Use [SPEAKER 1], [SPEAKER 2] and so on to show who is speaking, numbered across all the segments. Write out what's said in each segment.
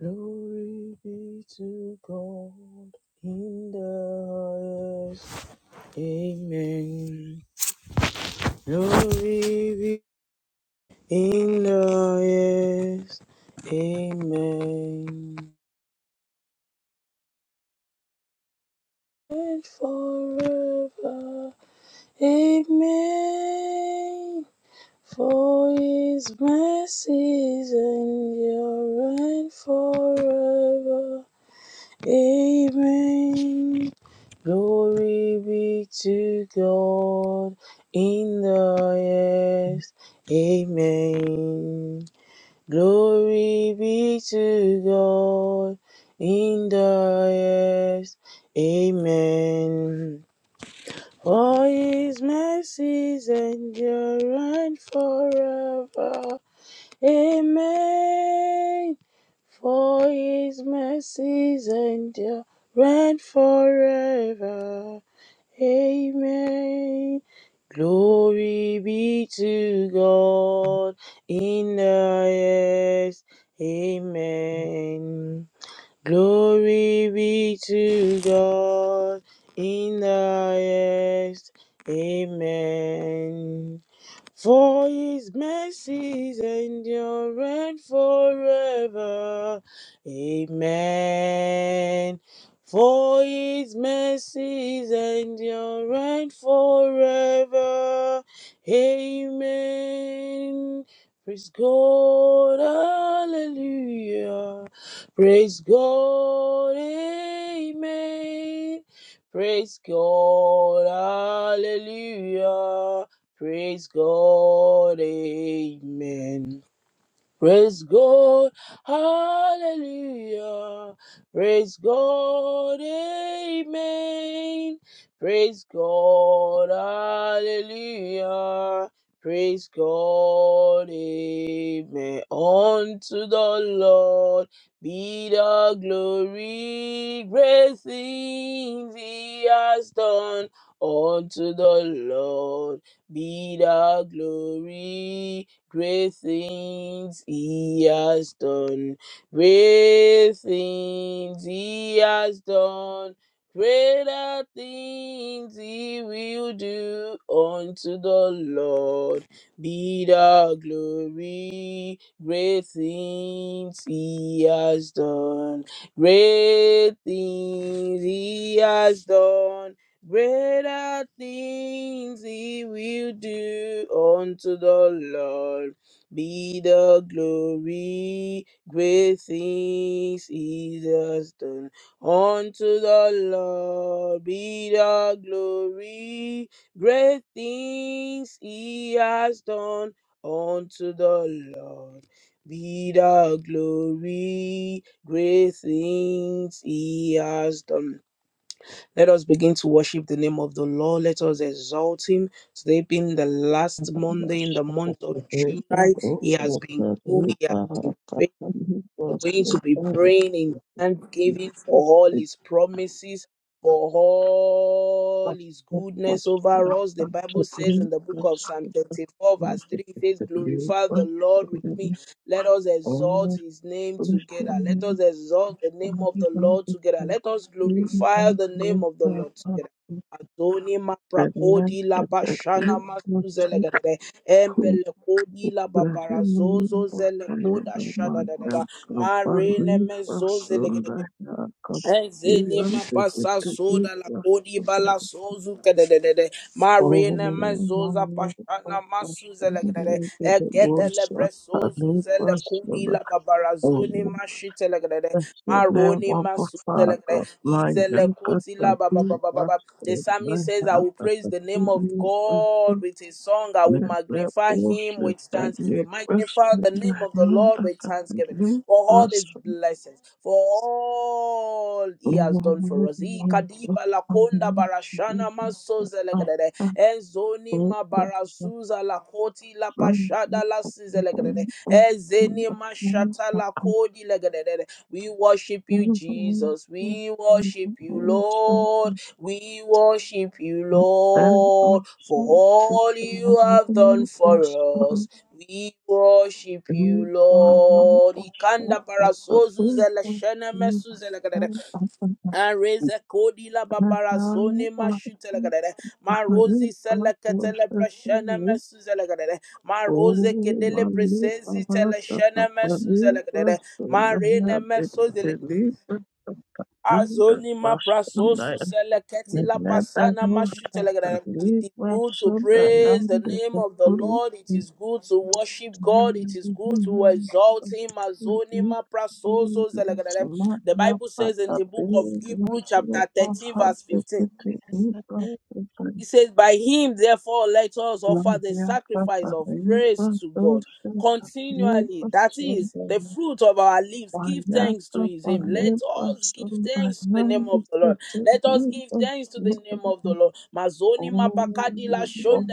[SPEAKER 1] Glory be to God in the highest. Amen. Glory be in the highest. Amen. And forever. Amen. For his mercies endure and forever. Amen. Glory be to God in the highest. Amen. Glory be to God in the highest. Amen. For his mercies endure forever. Amen. For his mercies endure forever. Amen. Glory be to God in the highest. Amen. Glory be to God in the highest. Amen. For his mercies endure forever. Amen. For his mercies endure forever. Amen. Praise God. Hallelujah. Praise God. Amen. Praise God. Hallelujah. Praise God. Amen. Praise God, hallelujah. Praise God, amen. Praise God, hallelujah. Praise God, amen. Unto the Lord be the glory, great things he has done. Unto the Lord be the glory Great things he has done. Great things he has done. Greater things he will do unto the Lord. Be the glory. Great things he has done. Great things he has done Greater things he will do unto the Lord. Be the glory, great things he has done. Unto the Lord be the glory, great things he has done. Unto the Lord be the glory, great things he has done let us begin to worship the name of the Lord. Let us exalt him. Today being the last
[SPEAKER 2] Thank
[SPEAKER 1] Monday in the month of July, he has been good. He has been faithful. We are going to be praying in thanksgiving for all his promises, for all his goodness over us. The Bible says in the book of Psalm 34, verse 3, it says, Glorify the Lord with me. Let us exalt his name together. Let us exalt the name of the Lord together. Let us glorify the name of the Lord together. Adoni maprakodi la bashana masuzelegadere.
[SPEAKER 2] you.
[SPEAKER 1] Embele kodi la
[SPEAKER 2] Blessed
[SPEAKER 1] babarazozo
[SPEAKER 2] name of
[SPEAKER 1] zele koda
[SPEAKER 2] another
[SPEAKER 1] shada
[SPEAKER 2] man
[SPEAKER 1] da da da.
[SPEAKER 2] and company person
[SPEAKER 1] Marina
[SPEAKER 2] that I can
[SPEAKER 1] Ezene
[SPEAKER 2] even be
[SPEAKER 1] mapasa
[SPEAKER 2] detected
[SPEAKER 1] soda la
[SPEAKER 2] as
[SPEAKER 1] kodi
[SPEAKER 2] the
[SPEAKER 1] bala sozu kedededede.
[SPEAKER 2] former
[SPEAKER 1] Marina mezoza
[SPEAKER 2] man of
[SPEAKER 1] pashana masuze legedede.
[SPEAKER 2] the
[SPEAKER 1] Ekedele
[SPEAKER 2] words of a
[SPEAKER 1] bresozu
[SPEAKER 2] new
[SPEAKER 1] zele kudi
[SPEAKER 2] person.
[SPEAKER 1] la
[SPEAKER 2] Oh,
[SPEAKER 1] babarazoni mashite legedede.
[SPEAKER 2] blessed name
[SPEAKER 1] Maroni
[SPEAKER 2] of the
[SPEAKER 1] masuze
[SPEAKER 2] Father,
[SPEAKER 1] legedede.
[SPEAKER 2] my
[SPEAKER 1] Izele
[SPEAKER 2] and
[SPEAKER 1] koti la
[SPEAKER 2] company person
[SPEAKER 1] bababababa. The psalmist says, I
[SPEAKER 2] that
[SPEAKER 1] will
[SPEAKER 2] I
[SPEAKER 1] praise the name of
[SPEAKER 2] can be
[SPEAKER 1] God with a song. I will
[SPEAKER 2] Mele
[SPEAKER 1] magnify him with
[SPEAKER 2] ushita
[SPEAKER 1] thanksgiving. Magnify the
[SPEAKER 2] yekwashinda
[SPEAKER 1] name of the Lord
[SPEAKER 2] nanda
[SPEAKER 1] with thanksgiving
[SPEAKER 2] katebe
[SPEAKER 1] for all his
[SPEAKER 2] asu
[SPEAKER 1] blessings, for all all he has done for us. Ikadiba lakonda barashana masozelegedede. Ezoni mabarasuza lakoti la pashada la sizelegedede. Ezeni mashata lakodi legedede. We worship you, Jesus. We worship you, Lord. We worship you, Lord, for all you have done for us. We worship you, Lord. Ikanda parasozu zele shene mesu zele gadere.
[SPEAKER 2] Thank you.
[SPEAKER 1] Areza kodi la babara sone mashute la gadere. Ma rosi sele ketele preshene mesuze la gadere. Ma rose kedele presezi tele shene mesuze la gadere. Ma rene mesuze la gadere. Azoni ma prasosu seleketi la pasana ma It is good to praise the name of the Lord. It is good to worship God. It is good to exalt Him. Azoni ma prasosu selekere. The Bible says in the book of Hebrew, chapter 13, verse 15.
[SPEAKER 3] Thank you.
[SPEAKER 1] He says, By him, therefore, let us offer the
[SPEAKER 2] Maya
[SPEAKER 1] sacrifice of praise to God continually. That is the fruit of our lips. Give thanks to his name. Let us give thanks to the name of the Lord. Let us give thanks to the name of the Lord. Mazoni mapakadi la shonde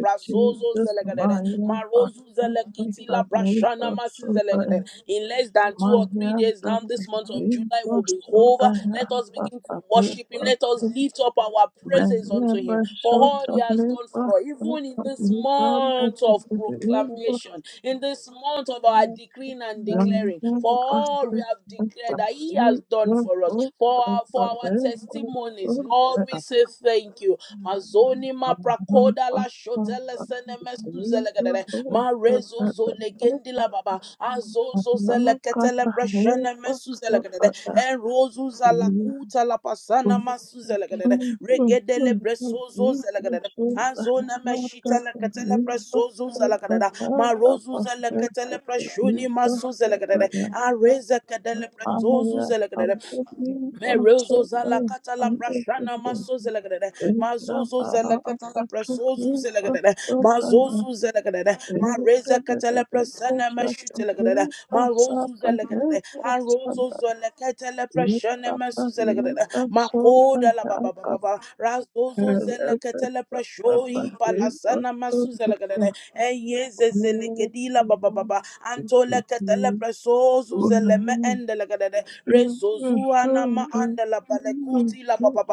[SPEAKER 1] brasozo zelegedele. Marozu zelekiti la brashana masi zelegedele. In less than two or three days now, this month of July will be over. Let us begin to worship Him. Let us lift up our praises unto Him for
[SPEAKER 2] Basho
[SPEAKER 1] all He has done for
[SPEAKER 2] Taleba
[SPEAKER 1] us. Even in this month of
[SPEAKER 2] Taleba
[SPEAKER 1] proclamation, in this month of our decreeing and
[SPEAKER 2] Thank
[SPEAKER 1] declaring, for all we have declared that He has
[SPEAKER 2] you.
[SPEAKER 1] done for us, for our, for our testimonies, Lord, we say thank you. Mazoni ma prakoda la shotele sene mesu zelegadere. Ma rezo zo legendi la baba. Azozo zele ketele preshene mesu zelegadere. Enrozu zala kuta la pasana masu zelegadere. Regedele bresozo zelegadere. Azona meshita la ketele presozo zelegadere. Ma rozu zele ketele preshuni masu zelegadere. Areze kedele presozo
[SPEAKER 2] Aya
[SPEAKER 1] zelegadere.
[SPEAKER 2] kapuri
[SPEAKER 1] Merozo
[SPEAKER 2] basoda
[SPEAKER 1] zalakata la prashana
[SPEAKER 2] andesite
[SPEAKER 1] maso zelagadada.
[SPEAKER 2] enda
[SPEAKER 1] Mazozo
[SPEAKER 2] baha
[SPEAKER 1] zalakata la
[SPEAKER 2] apatukri
[SPEAKER 1] prasozu zelagadada.
[SPEAKER 2] basoda ya
[SPEAKER 1] Mazozu zelagadada.
[SPEAKER 2] ende de
[SPEAKER 1] Mareza
[SPEAKER 2] de
[SPEAKER 1] kata
[SPEAKER 2] de
[SPEAKER 1] la
[SPEAKER 2] de
[SPEAKER 1] prasana
[SPEAKER 2] osha
[SPEAKER 1] mashuta
[SPEAKER 2] tani
[SPEAKER 1] lagadada. Marozu
[SPEAKER 2] basata ne
[SPEAKER 1] zelagadada. Harozo
[SPEAKER 2] osada
[SPEAKER 1] zalakata la
[SPEAKER 2] enda
[SPEAKER 1] prashana maso
[SPEAKER 2] tani
[SPEAKER 1] zelagadada.
[SPEAKER 2] basoda
[SPEAKER 1] Makoda la
[SPEAKER 2] ya
[SPEAKER 1] baba baba baba. Razozo
[SPEAKER 2] kapere
[SPEAKER 1] zalakata la
[SPEAKER 2] besa papa
[SPEAKER 1] prashohi
[SPEAKER 2] ne
[SPEAKER 1] palasana maso
[SPEAKER 2] basoda ya
[SPEAKER 1] zelagadada. Eyeze zelekedi la
[SPEAKER 2] kapuri
[SPEAKER 1] baba baba. Antola
[SPEAKER 2] basoda
[SPEAKER 1] kata la prasozu zeleme
[SPEAKER 2] ya
[SPEAKER 1] ende lagadada.
[SPEAKER 2] Libra,
[SPEAKER 1] Rezozua nama anda balekoti la ba ba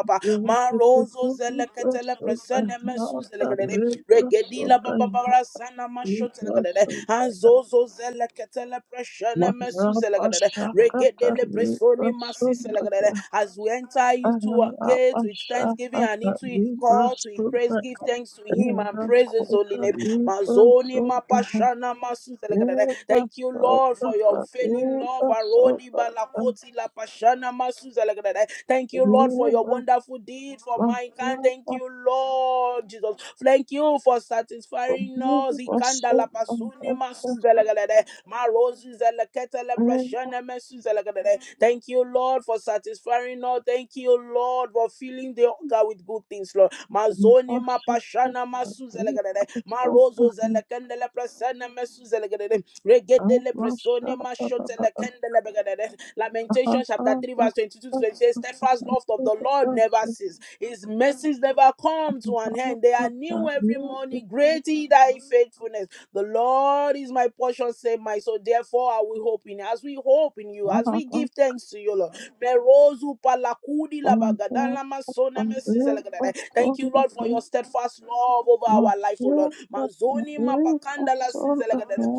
[SPEAKER 1] Marozo zelekete le presene mesu zelekete. Regedi la ba ba sana masho zelekete. Anzozo zelekete le presene mesu zelekete. Regede le presoni masi zelekete. As we enter into a gate with thanksgiving and into his call to his praise, give thanks to him and praise his holy name. Mazoni mapashana masu zelekete. Thank you, Lord, for your unfailing love Varodi Balakoti La Pashana Masuza Lagadadai. Thank you, Lord, for your wonderful deed for mankind. Thank you, Lord Jesus. Thank you for
[SPEAKER 2] Thank
[SPEAKER 1] satisfying us. Ikanda La Pasuni Masuza Lagadadai. Marozi Zelekete La Pashana Masuza Lagadadai. Thank you, Lord, for satisfying us. Thank you, Lord, for filling the hunger with good things, Lord. Mazoni ma pashana masu zelegadede. Marozo zelekendele presene mesu zelegadede. Mesone Mashotele Kendele Begedede. Lamentation chapter 3, verse 22 to 26. Steadfast love of the Lord never ceases. His mercies never come to an end. They are new every morning. Great is thy faithfulness. The Lord is my portion, say my soul. Therefore, I will hope in you. As we hope in you, as we give thanks to you, Lord. Merozu palakudi labagada lamasona mesizele gedede. Thank you, Lord, for your steadfast love over our life, O Lord. Mazoni mapakanda la size lagadada.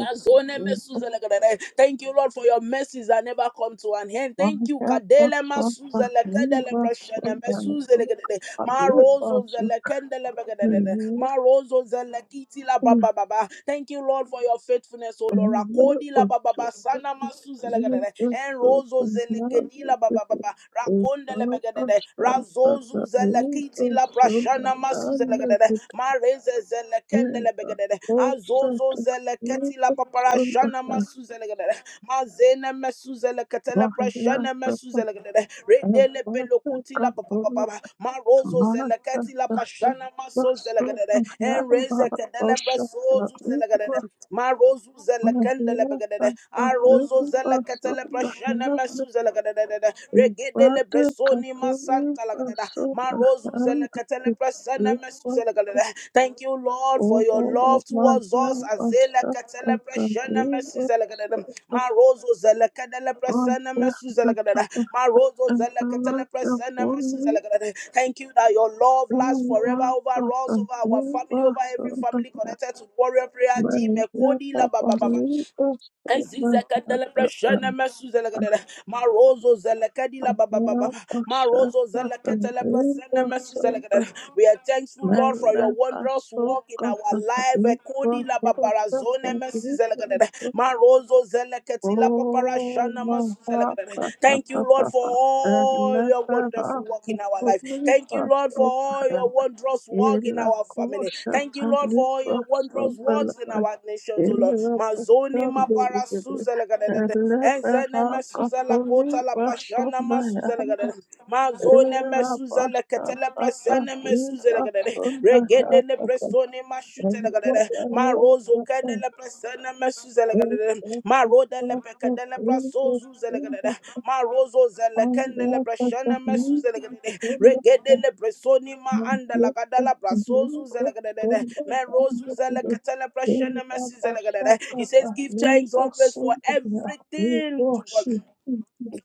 [SPEAKER 1] Mazone
[SPEAKER 2] you.
[SPEAKER 1] mesuzelekedede. Thank you, Lord, for your mercies that never come to an end. Thank
[SPEAKER 2] Thank
[SPEAKER 1] you, Kadele masuzelekedele prashene mesuzelekedede. Marozo zelekendelebekedede. Marozo zelekiti la ba ba ba ba. Thank you, Lord, for your faithfulness, O Lord. Rakodi la Baba, Baba. ba. Sana masuzelekedede. Enrozo zelekedi la Baba, Baba. ba ba. Rakondelebekedede. Razozu zelekiti la prashana zelekedede, mareze zelekendele begedede, azozo zeleketi la papara shana masu zelekedede, mazene mesu zeleketele prashana mesu zelekedede, redele pelokuti la
[SPEAKER 2] you.
[SPEAKER 1] papapapa, marozo
[SPEAKER 2] Martha
[SPEAKER 1] zeleketi la pashana maso zelekedede,
[SPEAKER 2] Graham
[SPEAKER 1] enreze kedele
[SPEAKER 2] Orsaka
[SPEAKER 1] prasozu zelekedede,
[SPEAKER 2] Ibra
[SPEAKER 1] marozu zelekendele
[SPEAKER 2] Mahiata
[SPEAKER 1] begedede, arozo
[SPEAKER 2] Rodrigo
[SPEAKER 1] zeleketele
[SPEAKER 2] Sonda
[SPEAKER 1] prashana
[SPEAKER 2] Hand
[SPEAKER 1] mesu zelekedede, regedele
[SPEAKER 2] Ibrade
[SPEAKER 1] bresoni
[SPEAKER 2] Kapuri
[SPEAKER 1] masanta lagadada
[SPEAKER 2] Sonda
[SPEAKER 1] marozu
[SPEAKER 2] Hand
[SPEAKER 1] zelekatele presene mesu
[SPEAKER 2] Ibrade
[SPEAKER 1] zelegadada. Thank you, Lord, for your
[SPEAKER 2] Ovo
[SPEAKER 1] love towards us.
[SPEAKER 2] Mahia
[SPEAKER 1] Azelekatele
[SPEAKER 2] Basaka
[SPEAKER 1] presene mesu
[SPEAKER 2] Taniwa
[SPEAKER 1] zelegadada.
[SPEAKER 2] Sonda
[SPEAKER 1] Marozo zelekadele presene
[SPEAKER 2] Mahia
[SPEAKER 1] mesu zelegadada.
[SPEAKER 2] Tataka
[SPEAKER 1] Marozo
[SPEAKER 2] Ehala
[SPEAKER 1] zelekatele presene mesu
[SPEAKER 2] Kapuri
[SPEAKER 1] zelegadada. Thank you that your love lasts forever
[SPEAKER 2] Mahia
[SPEAKER 1] over us, over our family,
[SPEAKER 2] Tataniwa
[SPEAKER 1] over every family
[SPEAKER 2] Sonda
[SPEAKER 1] connected to warrior prayer.
[SPEAKER 2] Well, let
[SPEAKER 1] Jimekodi la
[SPEAKER 2] up
[SPEAKER 1] ba ba
[SPEAKER 2] our
[SPEAKER 1] ba ba.
[SPEAKER 2] leaders to My
[SPEAKER 1] Aziza
[SPEAKER 2] head,
[SPEAKER 1] kandala prashana masuzela
[SPEAKER 2] and
[SPEAKER 1] kadala marozo zela kadila baba baba
[SPEAKER 2] now I shall
[SPEAKER 1] marozo
[SPEAKER 2] not
[SPEAKER 1] zela ketela
[SPEAKER 2] leave
[SPEAKER 1] prashana
[SPEAKER 2] us
[SPEAKER 1] masuzela
[SPEAKER 2] in
[SPEAKER 1] kadala.
[SPEAKER 2] the
[SPEAKER 1] We are thankful,
[SPEAKER 2] man.
[SPEAKER 1] Lord, for your
[SPEAKER 2] Let us
[SPEAKER 1] wondrous
[SPEAKER 2] so
[SPEAKER 1] work in
[SPEAKER 2] cut
[SPEAKER 1] our
[SPEAKER 2] the
[SPEAKER 1] life.
[SPEAKER 2] head, but
[SPEAKER 1] Ekodi la
[SPEAKER 2] people shall
[SPEAKER 1] babarazone
[SPEAKER 2] continue
[SPEAKER 1] masuzela
[SPEAKER 2] to
[SPEAKER 1] kadala marozo zela ketila
[SPEAKER 2] oh,
[SPEAKER 1] paparashana
[SPEAKER 2] my
[SPEAKER 1] masuzela
[SPEAKER 2] heart,
[SPEAKER 1] kadala. Thank you, Lord, for
[SPEAKER 2] and
[SPEAKER 1] all
[SPEAKER 2] let
[SPEAKER 1] your
[SPEAKER 2] them
[SPEAKER 1] wonderful
[SPEAKER 2] up
[SPEAKER 1] powerful work in our
[SPEAKER 2] to
[SPEAKER 1] life.
[SPEAKER 2] leave
[SPEAKER 1] Thank you,
[SPEAKER 2] us
[SPEAKER 1] Lord, for
[SPEAKER 2] in the
[SPEAKER 1] all your
[SPEAKER 2] hand.
[SPEAKER 1] wondrous work in
[SPEAKER 2] Ila
[SPEAKER 1] our family.
[SPEAKER 2] kosha
[SPEAKER 1] Thank you, Lord, for all your wondrous works in
[SPEAKER 2] taliba
[SPEAKER 1] our nations, O
[SPEAKER 2] Thank
[SPEAKER 1] Lord. Mazoni mapara suzelegadede. Ezene mesuze la kota la pashana masuzelegadede. Mazone mesuzele ketele presene mesuzelegadede. Regede ne presone mashute ma rozo kadele presene mesu ma roda le pekadele prasozu ma rozo zele kendele presene mesu
[SPEAKER 2] you.
[SPEAKER 1] presoni ma
[SPEAKER 2] Thank
[SPEAKER 1] andala
[SPEAKER 2] you.
[SPEAKER 1] kadala prasozu zelegadere me rozu zele ketele he says give thanks always for everything to God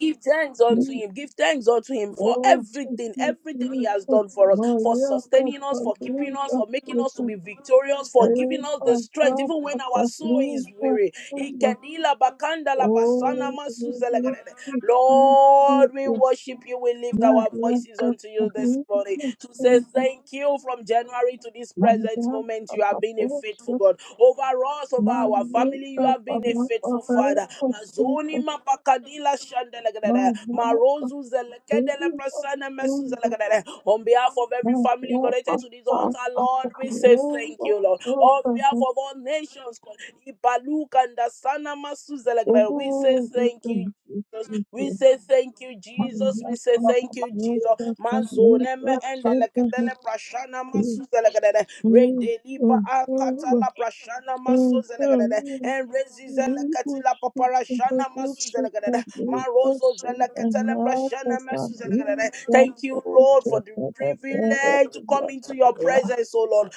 [SPEAKER 1] Give thanks unto him. Give thanks unto him for everything, everything he has
[SPEAKER 2] Jesus,
[SPEAKER 1] done for us, for
[SPEAKER 2] Maria,
[SPEAKER 1] sustaining us, for
[SPEAKER 2] Catalina,
[SPEAKER 1] keeping us, for making
[SPEAKER 2] son of
[SPEAKER 1] us to be victorious, for giving us the
[SPEAKER 2] Eva,
[SPEAKER 1] strength,
[SPEAKER 2] Papa,
[SPEAKER 1] even when our soul
[SPEAKER 2] Catalina,
[SPEAKER 1] is weary.
[SPEAKER 2] son of
[SPEAKER 1] Ikedila bakanda la basana
[SPEAKER 2] all
[SPEAKER 1] masu
[SPEAKER 2] the
[SPEAKER 1] zelegrede.
[SPEAKER 2] Jesus,
[SPEAKER 1] Lord,
[SPEAKER 2] Maria,
[SPEAKER 1] we worship you. We lift our
[SPEAKER 2] Catalina,
[SPEAKER 1] voices unto you this morning to say
[SPEAKER 2] son of
[SPEAKER 1] thank you from January to this present
[SPEAKER 2] Maria,
[SPEAKER 1] moment. You have been a
[SPEAKER 2] Papa,
[SPEAKER 1] faithful God. Over us, over our
[SPEAKER 2] Mother
[SPEAKER 1] family, you
[SPEAKER 2] of
[SPEAKER 1] have
[SPEAKER 2] a
[SPEAKER 1] been a
[SPEAKER 2] lot
[SPEAKER 1] faithful
[SPEAKER 2] of earth
[SPEAKER 1] Father.
[SPEAKER 2] of Jesus,
[SPEAKER 1] Mazoni mapakadila shandelegadada.
[SPEAKER 2] My rock of
[SPEAKER 1] Marozu zelekedele
[SPEAKER 2] Jesus,
[SPEAKER 1] prasana mesu
[SPEAKER 2] and
[SPEAKER 1] zelegadada. On behalf of every
[SPEAKER 2] my
[SPEAKER 1] family
[SPEAKER 2] rock
[SPEAKER 1] connected
[SPEAKER 2] of
[SPEAKER 1] to this altar,
[SPEAKER 2] fast of
[SPEAKER 1] Lord,
[SPEAKER 2] the
[SPEAKER 1] we say
[SPEAKER 2] land
[SPEAKER 1] thank
[SPEAKER 2] of
[SPEAKER 1] you, Lord. On behalf
[SPEAKER 2] serpent,
[SPEAKER 1] of all nations, Ibaluka and Sana masu zelegadada, we say
[SPEAKER 2] oh, with
[SPEAKER 1] thank
[SPEAKER 2] the
[SPEAKER 1] you, Jesus. We
[SPEAKER 2] Jesus,
[SPEAKER 1] say thank you,
[SPEAKER 2] my
[SPEAKER 1] Jesus. We say
[SPEAKER 2] rock
[SPEAKER 1] thank
[SPEAKER 2] of
[SPEAKER 1] you, Jesus.
[SPEAKER 2] Jesus,
[SPEAKER 1] Mazo neme ende leketele prashana masu zelekedede. Re delipa akata
[SPEAKER 2] my
[SPEAKER 1] la prashana masu
[SPEAKER 2] Thank
[SPEAKER 1] zelekedede.
[SPEAKER 2] you.
[SPEAKER 1] En rezi
[SPEAKER 2] Thank
[SPEAKER 1] zeleketi la paparashana masu zelekedede. Marozo zeleketele prashana masu zelekedede. Thank you, Lord, for the privilege to come into your presence, oh Lord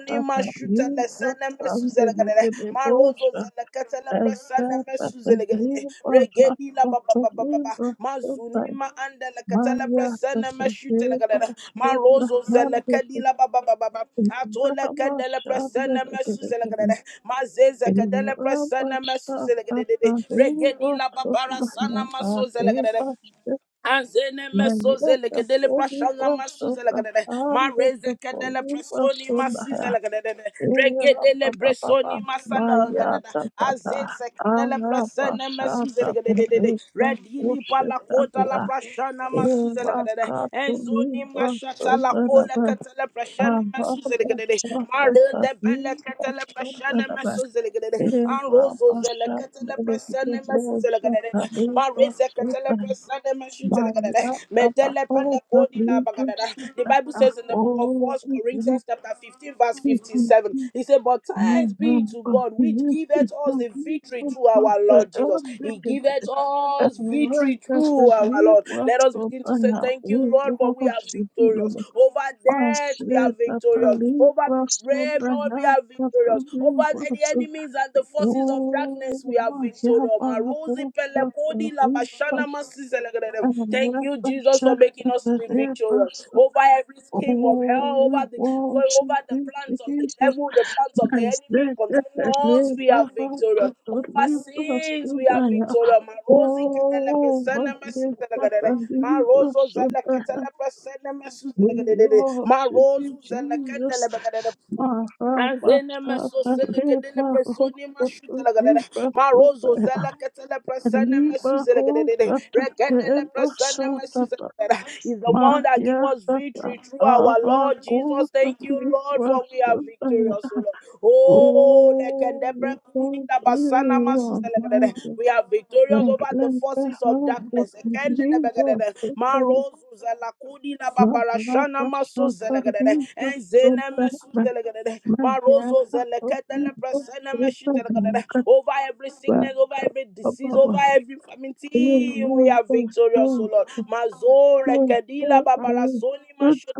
[SPEAKER 1] ni mashuta la sana mesu zelegelele marozo zelekete le presana mesu zelegelele regedi la ba ba ba ba ba ba mazuni ma anda la katele presana meshuta legelele marozo zelekedi la ba ba ba ba ba atole kedele presana mesu
[SPEAKER 2] you.
[SPEAKER 1] zelegelele mazeze
[SPEAKER 2] Thank you.
[SPEAKER 1] kedele presana mesu zelegelele regedi la ba bara sana maso Azene mesozele kedele pashanga masuzele kedele mareze kedele presoni masizele kedele regedele bresoni masana kedele azeze kedele presene mesuzele kedele redini pala kota la prashana masuzele kedele enzoni mashata la kole kedele prashana mesuzele kedele marede bele kedele prashana mesuzele
[SPEAKER 2] I
[SPEAKER 1] kedele
[SPEAKER 2] said
[SPEAKER 1] anrozo zele kedele
[SPEAKER 2] that the leaf
[SPEAKER 1] presene
[SPEAKER 2] was
[SPEAKER 1] the
[SPEAKER 2] on the heart of
[SPEAKER 1] Bible says in the book of First Corinthians chapter 15 verse 57, he said, But thanks be to God which giveth us the victory through our Lord Jesus. He giveth us victory through our Lord. Let us begin to say, Thank you, Lord, for we are victorious. Over death, we are victorious. Over the brave,
[SPEAKER 2] the
[SPEAKER 1] Lord, we are victorious.
[SPEAKER 2] leaf
[SPEAKER 1] Over the
[SPEAKER 2] was
[SPEAKER 1] enemies and the forces of darkness, we are
[SPEAKER 2] worship
[SPEAKER 1] victorious. Marozi pelekodi labashana masizelegrede. Thank you, Jesus, for making us to be victorious. Over every scheme of hell, over the for over the plans of the devil, the plans of the enemy concerning us, we are victorious. Over sins, we are victorious. Marozi ketelepesene masizelegrede. Marozo zeleketelepesene masizelegrede.
[SPEAKER 2] you,
[SPEAKER 1] Marozu
[SPEAKER 2] Jesus.
[SPEAKER 1] zelekendelebegedede. Azena meso
[SPEAKER 2] Marabashata,
[SPEAKER 1] selekedele
[SPEAKER 2] Lema,
[SPEAKER 1] personi mashuta
[SPEAKER 2] Rokoto,
[SPEAKER 1] lagadada. Marozo
[SPEAKER 2] Libra,
[SPEAKER 1] zeleketele persene
[SPEAKER 2] Riba
[SPEAKER 1] mesu zelekedede.
[SPEAKER 2] hogata
[SPEAKER 1] Rekedele
[SPEAKER 2] reba
[SPEAKER 1] persene mesu
[SPEAKER 2] satata
[SPEAKER 1] zelekedede. Is the one that give us
[SPEAKER 2] mahyatata
[SPEAKER 1] victory through our
[SPEAKER 2] ava
[SPEAKER 1] Lord Jesus.
[SPEAKER 2] kota
[SPEAKER 1] Thank you, Lord,
[SPEAKER 2] riba
[SPEAKER 1] for we are victorious, O
[SPEAKER 2] sataya.
[SPEAKER 1] Lord. Oh,
[SPEAKER 2] Oh, we
[SPEAKER 1] lekendebre
[SPEAKER 2] thank
[SPEAKER 1] kudida
[SPEAKER 2] you,
[SPEAKER 1] basana masu
[SPEAKER 2] Lord, my
[SPEAKER 1] zelekedede.
[SPEAKER 2] God.
[SPEAKER 1] we are victorious
[SPEAKER 2] Thank
[SPEAKER 1] over
[SPEAKER 2] you,
[SPEAKER 1] the
[SPEAKER 2] Lord, for
[SPEAKER 1] forces of darkness.
[SPEAKER 2] having riba
[SPEAKER 1] Ekendelebekedede.
[SPEAKER 2] sataya.
[SPEAKER 1] Marozu zelakudi la
[SPEAKER 2] La
[SPEAKER 1] babarashana
[SPEAKER 2] raba
[SPEAKER 1] maso
[SPEAKER 2] sata
[SPEAKER 1] zelegadede.
[SPEAKER 2] riba
[SPEAKER 1] Enzene mesu
[SPEAKER 2] sataya.
[SPEAKER 1] zelegadede. Marozo
[SPEAKER 2] Mahyata
[SPEAKER 1] zelekete le
[SPEAKER 2] riba
[SPEAKER 1] presene meshi
[SPEAKER 2] sataya.
[SPEAKER 1] Over every
[SPEAKER 2] Katba
[SPEAKER 1] sickness, over every disease, over
[SPEAKER 2] ababa.
[SPEAKER 1] every famine, till we
[SPEAKER 2] Riba
[SPEAKER 1] are victorious, O Lord.
[SPEAKER 2] sataya.
[SPEAKER 1] Mazore
[SPEAKER 2] Mara
[SPEAKER 1] kedila
[SPEAKER 2] Bosha
[SPEAKER 1] babarasoni masho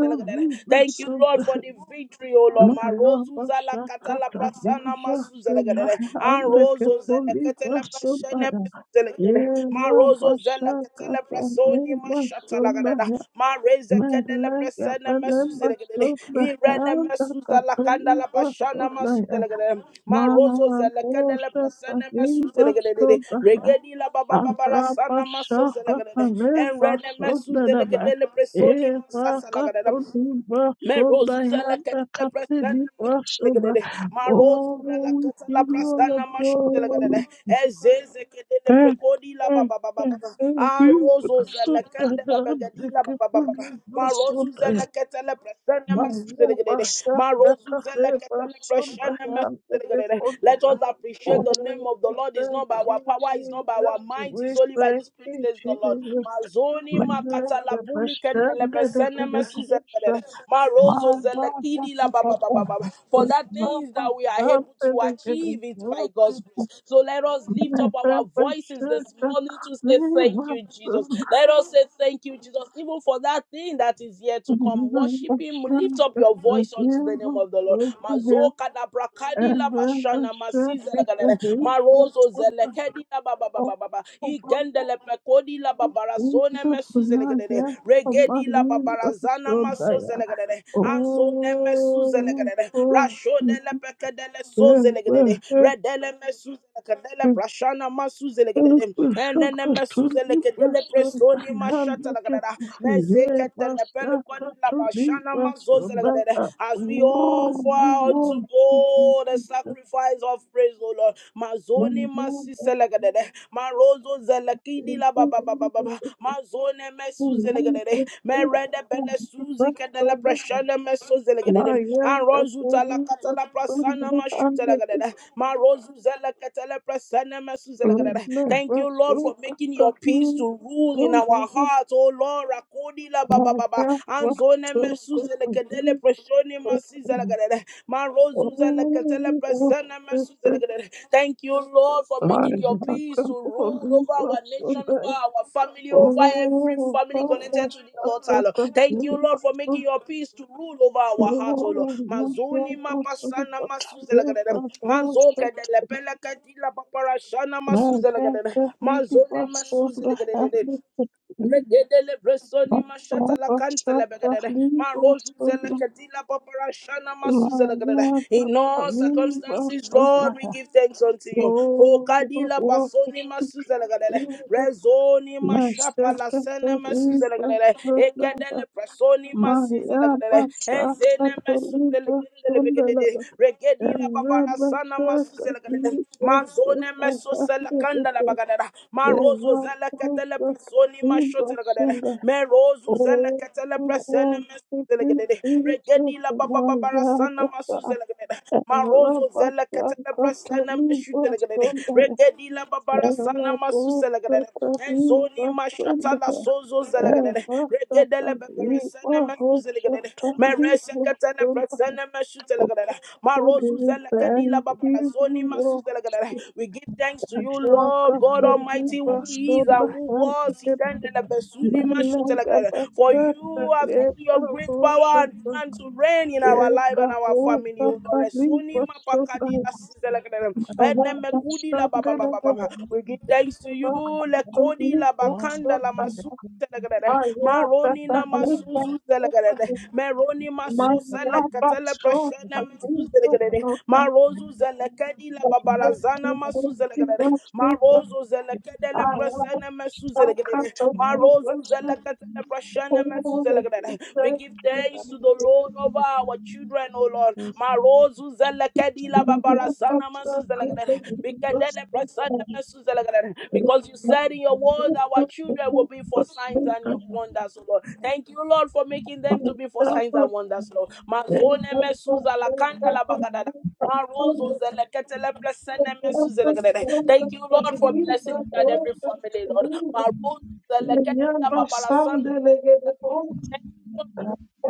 [SPEAKER 1] Thank you, Lord, for the victory, O Lord. Marozu zalakata la prasana masu zelegadede. Anrozo zelekete le presene Telekede, Marozo zela ketele presoni
[SPEAKER 2] Kadimba
[SPEAKER 1] mashata lagadada. Mareze kedele presene mesuzelekede. Irene mesuza lakanda la bashana masuzelekede. Marozo zela kedele presene mesuzelekede.
[SPEAKER 2] Sodaya
[SPEAKER 1] Regedi la baba
[SPEAKER 2] Oh, we
[SPEAKER 1] baba la
[SPEAKER 2] give
[SPEAKER 1] sana masuzelekede. Enrene mesuzelekede le presoni masasa lagadada. Me roses la katala prasana mashlegede. Ma roses la katala
[SPEAKER 2] you all
[SPEAKER 1] prasana
[SPEAKER 2] the
[SPEAKER 1] mashlegede.
[SPEAKER 2] glory.
[SPEAKER 1] Ezeze kedele
[SPEAKER 2] Eh,
[SPEAKER 1] pregodi la ba
[SPEAKER 2] eh,
[SPEAKER 1] ba ba
[SPEAKER 2] eh,
[SPEAKER 1] ba ba.
[SPEAKER 2] eh,
[SPEAKER 1] Ah
[SPEAKER 2] eh.
[SPEAKER 1] roses la
[SPEAKER 2] Basunda,
[SPEAKER 1] kandela
[SPEAKER 2] eh, eh,
[SPEAKER 1] bagadi la ba
[SPEAKER 2] eh,
[SPEAKER 1] ba ba ba. ba.
[SPEAKER 2] eh,
[SPEAKER 1] Ma roses
[SPEAKER 2] basunda.
[SPEAKER 1] la katala prasana
[SPEAKER 2] Maria
[SPEAKER 1] mashlegede.
[SPEAKER 2] Bassa
[SPEAKER 1] Ma roses
[SPEAKER 2] Cafe
[SPEAKER 1] la katala
[SPEAKER 2] Basunda
[SPEAKER 1] prasana
[SPEAKER 2] and the
[SPEAKER 1] let us
[SPEAKER 2] Podua.
[SPEAKER 1] appreciate
[SPEAKER 2] Oh,
[SPEAKER 1] the name
[SPEAKER 2] we
[SPEAKER 1] of the Lord. It's
[SPEAKER 2] thank
[SPEAKER 1] not by our
[SPEAKER 2] you,
[SPEAKER 1] power, it's not by our
[SPEAKER 2] Jesus.
[SPEAKER 1] might,
[SPEAKER 2] We
[SPEAKER 1] it's only by the
[SPEAKER 2] thank
[SPEAKER 1] this
[SPEAKER 2] you,
[SPEAKER 1] praise, the Lord.
[SPEAKER 2] Jesus.
[SPEAKER 1] Mazoni makata la
[SPEAKER 2] Meleka
[SPEAKER 1] puli kendele
[SPEAKER 2] Basanda de
[SPEAKER 1] besene mesu zekelele.
[SPEAKER 2] Kedekusa.
[SPEAKER 1] Marozo
[SPEAKER 2] Mara
[SPEAKER 1] zelekidi la ba ba ba
[SPEAKER 2] Patapa.
[SPEAKER 1] ba ba ba. For that
[SPEAKER 2] Mara
[SPEAKER 1] things that we are able
[SPEAKER 2] Basanda
[SPEAKER 1] to
[SPEAKER 2] de
[SPEAKER 1] achieve it by God's
[SPEAKER 2] Kedekusa.
[SPEAKER 1] grace. So let us lift up
[SPEAKER 2] Meleka
[SPEAKER 1] our voices this
[SPEAKER 2] Basanda.
[SPEAKER 1] morning to say thank
[SPEAKER 2] Viva
[SPEAKER 1] you, Jesus.
[SPEAKER 2] Basanda.
[SPEAKER 1] Let us say thank you, Jesus, even for that thing that is yet to come. Worship Him, lift up your voice unto the name
[SPEAKER 2] Viva
[SPEAKER 1] of of the Lord.
[SPEAKER 2] Basanda.
[SPEAKER 1] Mazoka da
[SPEAKER 2] Oh,
[SPEAKER 1] brakadi la
[SPEAKER 2] we
[SPEAKER 1] bashana
[SPEAKER 2] worship
[SPEAKER 1] masiza la gadele.
[SPEAKER 2] you,
[SPEAKER 1] Marozo zelekedi la baba baba baba. Ikendele pekodi la babarasone mesu zelegadele. Regedi la babarazana maso zelegadele. Anzone mesu zelegadele. Rashode le pekedele so zelegadele. Redele mesu zelegadele brashana masu zelegadele. Enene mesu zelegadele presoni mashata la gadada. Mezekete le pelu kondi la bashana as we offer unto God the sacrifice of praise, O Lord. Mazoni masiselegadede. Marozo zelekidi la ba ba ba ba ba.
[SPEAKER 2] Jesus.
[SPEAKER 1] ba. Mazone mesuzelegadede. Merede bene suzi kedele preshene mesuzelegadede. Arozu talakata la prasana mashutelegadede. Marozu zeleketele presene mesuzelegadede. Thank you, Lord, for making your peace to rule in our hearts, O Lord kodila baba baba anzone mesuzele kedele preshoni masizele
[SPEAKER 2] Oh,
[SPEAKER 1] kedele marozuzele ketele presene mesuzele kedele. Thank you, Lord, for making your peace to rule over our nation, over our family, over every family connected to this altar, Lord. Thank you, Lord, for making your peace to rule over our hearts, O Lord. Mazoni mapasana masuzele kedele. Mazoke de lepele kedila paparashana
[SPEAKER 2] Maria
[SPEAKER 1] masuzele kedele. Mazone masuzele kedele. Regedele bresoni mashata la kanta la begadere. Ma rozu zele kedila papara shana masu zele gedere. In all circumstances, Lord, we give thanks unto you. For kadila basoni masu zele gedere. Rezoni mashapa la sene masu zele gedere. Egedele bresoni masu zele gedere. Enzene masu zele gedele begedere. Regedila papara sana masu zele gedere. Mazone meso sele kanda la begadere. Marozo zela katele personi mashotele gadele. Merozu zela
[SPEAKER 2] Oh,
[SPEAKER 1] katele persene
[SPEAKER 2] oh, if
[SPEAKER 1] mesele
[SPEAKER 2] you
[SPEAKER 1] gadele.
[SPEAKER 2] feel so
[SPEAKER 1] Regedi la baba babara
[SPEAKER 2] familiar,
[SPEAKER 1] sana masuzele gadele.
[SPEAKER 2] Ela
[SPEAKER 1] Marozo zela
[SPEAKER 2] baixa a
[SPEAKER 1] katele persene
[SPEAKER 2] camisa
[SPEAKER 1] meshutele gadele.
[SPEAKER 2] sonda,
[SPEAKER 1] Regedi la babara sana
[SPEAKER 2] ela bota
[SPEAKER 1] masusele gadele.
[SPEAKER 2] a
[SPEAKER 1] Enzoni
[SPEAKER 2] camisa sonda,
[SPEAKER 1] mashatala sozo zele
[SPEAKER 2] ela
[SPEAKER 1] gadele.
[SPEAKER 2] baixa a
[SPEAKER 1] Regedele bebere sene
[SPEAKER 2] língua
[SPEAKER 1] mesuzele
[SPEAKER 2] roxa,
[SPEAKER 1] gadele.
[SPEAKER 2] a
[SPEAKER 1] Merese
[SPEAKER 2] língua
[SPEAKER 1] katele
[SPEAKER 2] sonda,
[SPEAKER 1] persene meshutele
[SPEAKER 2] o
[SPEAKER 1] gadele. Marozu
[SPEAKER 2] dedo
[SPEAKER 1] zela kadila
[SPEAKER 2] tem que
[SPEAKER 1] babara zoni
[SPEAKER 2] voar,
[SPEAKER 1] masuzele gadele. We give thanks to you,
[SPEAKER 2] a
[SPEAKER 1] Lord God Almighty,
[SPEAKER 2] camisa
[SPEAKER 1] who is
[SPEAKER 2] sonda,
[SPEAKER 1] and who
[SPEAKER 2] ela
[SPEAKER 1] was. He
[SPEAKER 2] baixa
[SPEAKER 1] sent the Besuni Mashutelekere. For
[SPEAKER 2] a
[SPEAKER 1] you have taken
[SPEAKER 2] língua
[SPEAKER 1] your great power and
[SPEAKER 2] roxa,
[SPEAKER 1] began to reign in our
[SPEAKER 2] Thank
[SPEAKER 1] life and our family, O Lord. Resoni Mapakadi Asizelekere. Edne Mekudi la ba ba ba ba ba ba. We give thanks to you, Lekodi la Bakanda la Masu. Telegrede. Maroni na masuzu telegrede. Meroni maso sele katele prashene mesu telegrede. Marozu zelekedi la babalazana masuzelegede. Marozo zelekede le presene mesuzelegede. Marozu zelekede le presene mesuzelegede. We give thanks to the Lord over our children, O Lord. Marozu zelekedi la babalazana masuzelegede. We can then press Because you
[SPEAKER 2] you.
[SPEAKER 1] said in your word, our children will be for signs and wonders, O Lord. Thank you, Lord, for making them to be for signs and wonders, Lord. Mazone mesuza la kanda la bagadada.
[SPEAKER 3] Thank
[SPEAKER 1] Marozo zeleketele plesene mesu zelekedede. Thank you, Lord, for blessing each and every family, Lord. Marozo zeleketele babarasana. Thank you, Lord, for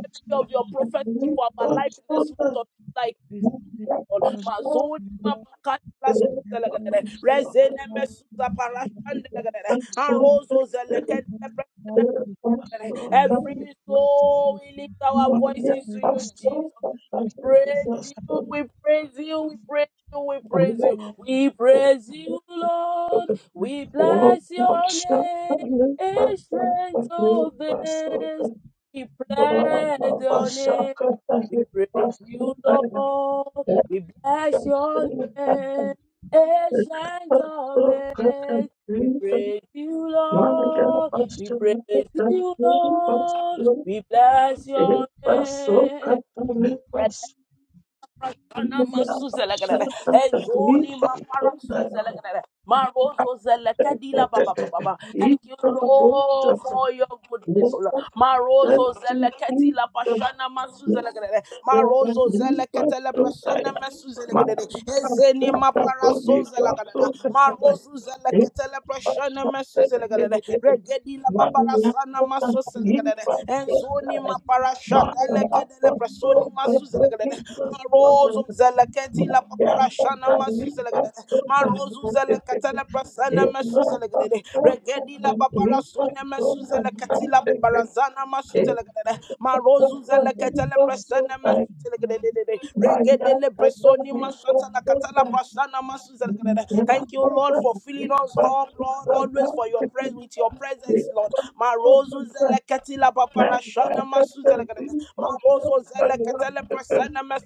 [SPEAKER 1] every of your prophecy for our life in this week of July, Lord. Mazoni mapakatras zelekedede. Rezene mesu zaparashan
[SPEAKER 3] you.
[SPEAKER 1] Anrozo zeleketele
[SPEAKER 3] Then God gave them his
[SPEAKER 2] Thank
[SPEAKER 1] Every
[SPEAKER 2] you.
[SPEAKER 3] name, this is a
[SPEAKER 1] soul,
[SPEAKER 3] good
[SPEAKER 1] we lift
[SPEAKER 3] man.
[SPEAKER 1] our
[SPEAKER 2] Maria
[SPEAKER 1] voices to you, Jesus
[SPEAKER 2] passou a fazer
[SPEAKER 1] praise you, we praise you, we praise you, we praise
[SPEAKER 3] Yes,
[SPEAKER 2] como
[SPEAKER 1] you,
[SPEAKER 3] he is
[SPEAKER 1] we praise you, Lord. We
[SPEAKER 3] mighty.
[SPEAKER 2] o
[SPEAKER 1] bless your
[SPEAKER 2] poxa
[SPEAKER 1] name,
[SPEAKER 2] também passou
[SPEAKER 1] ancient
[SPEAKER 2] a
[SPEAKER 1] of
[SPEAKER 2] fazer passou a
[SPEAKER 1] days. We bless your
[SPEAKER 2] passar
[SPEAKER 1] name,
[SPEAKER 2] a
[SPEAKER 1] we
[SPEAKER 2] fazer
[SPEAKER 1] praise
[SPEAKER 2] passou
[SPEAKER 1] you,
[SPEAKER 2] para
[SPEAKER 1] Lord. We bless your
[SPEAKER 2] a passou
[SPEAKER 1] name,
[SPEAKER 2] a fazer Maria
[SPEAKER 1] ancient of
[SPEAKER 2] passou a fazer passou e
[SPEAKER 1] days. We praise you, Lord. We praise you, Lord. We bless your
[SPEAKER 2] passou a
[SPEAKER 1] name. Right
[SPEAKER 2] fazer
[SPEAKER 1] Ana
[SPEAKER 2] Maria,
[SPEAKER 1] masu zalagadada. Ezoni mapara su zalagadada. Marozo zelakadila
[SPEAKER 3] Praise
[SPEAKER 1] Thank you,
[SPEAKER 3] and
[SPEAKER 1] Lord, for your goodness, O Lord. Marozo zelakati la pashana masu zalagadada. Marozo zelakata la pashana masu zalagadada. Ezeni mapara so zalagadada. Marozo zelakata la pashana masu zalagadada. Regedi la babara sana maso zalagadada. Enzoni mapara shadala kadala prasoni masu zalagadada. Marozo zeleketi
[SPEAKER 2] Thank
[SPEAKER 1] la paparashana masu zelekedede. Marozo zelekete la prasana masu zelekedede. Regedi la
[SPEAKER 3] worship. Hallelujah. My God, yes, yes, yes, yes,
[SPEAKER 1] paparasone masu zeleketi la paparazana masu zelekedede. Marozo zelekete la prasana masu
[SPEAKER 3] yes,
[SPEAKER 1] zelekedede. Regede le
[SPEAKER 3] yes,
[SPEAKER 1] bresoni
[SPEAKER 3] yes, yes.
[SPEAKER 1] mashata la katala prasana masu zelekedede. Thank you, Lord, for filling us up, Lord, always for your presence with your presence, Lord. Marozo zeleketi la paparashana masu zelekedede. Marozo zele ketele presene mesi-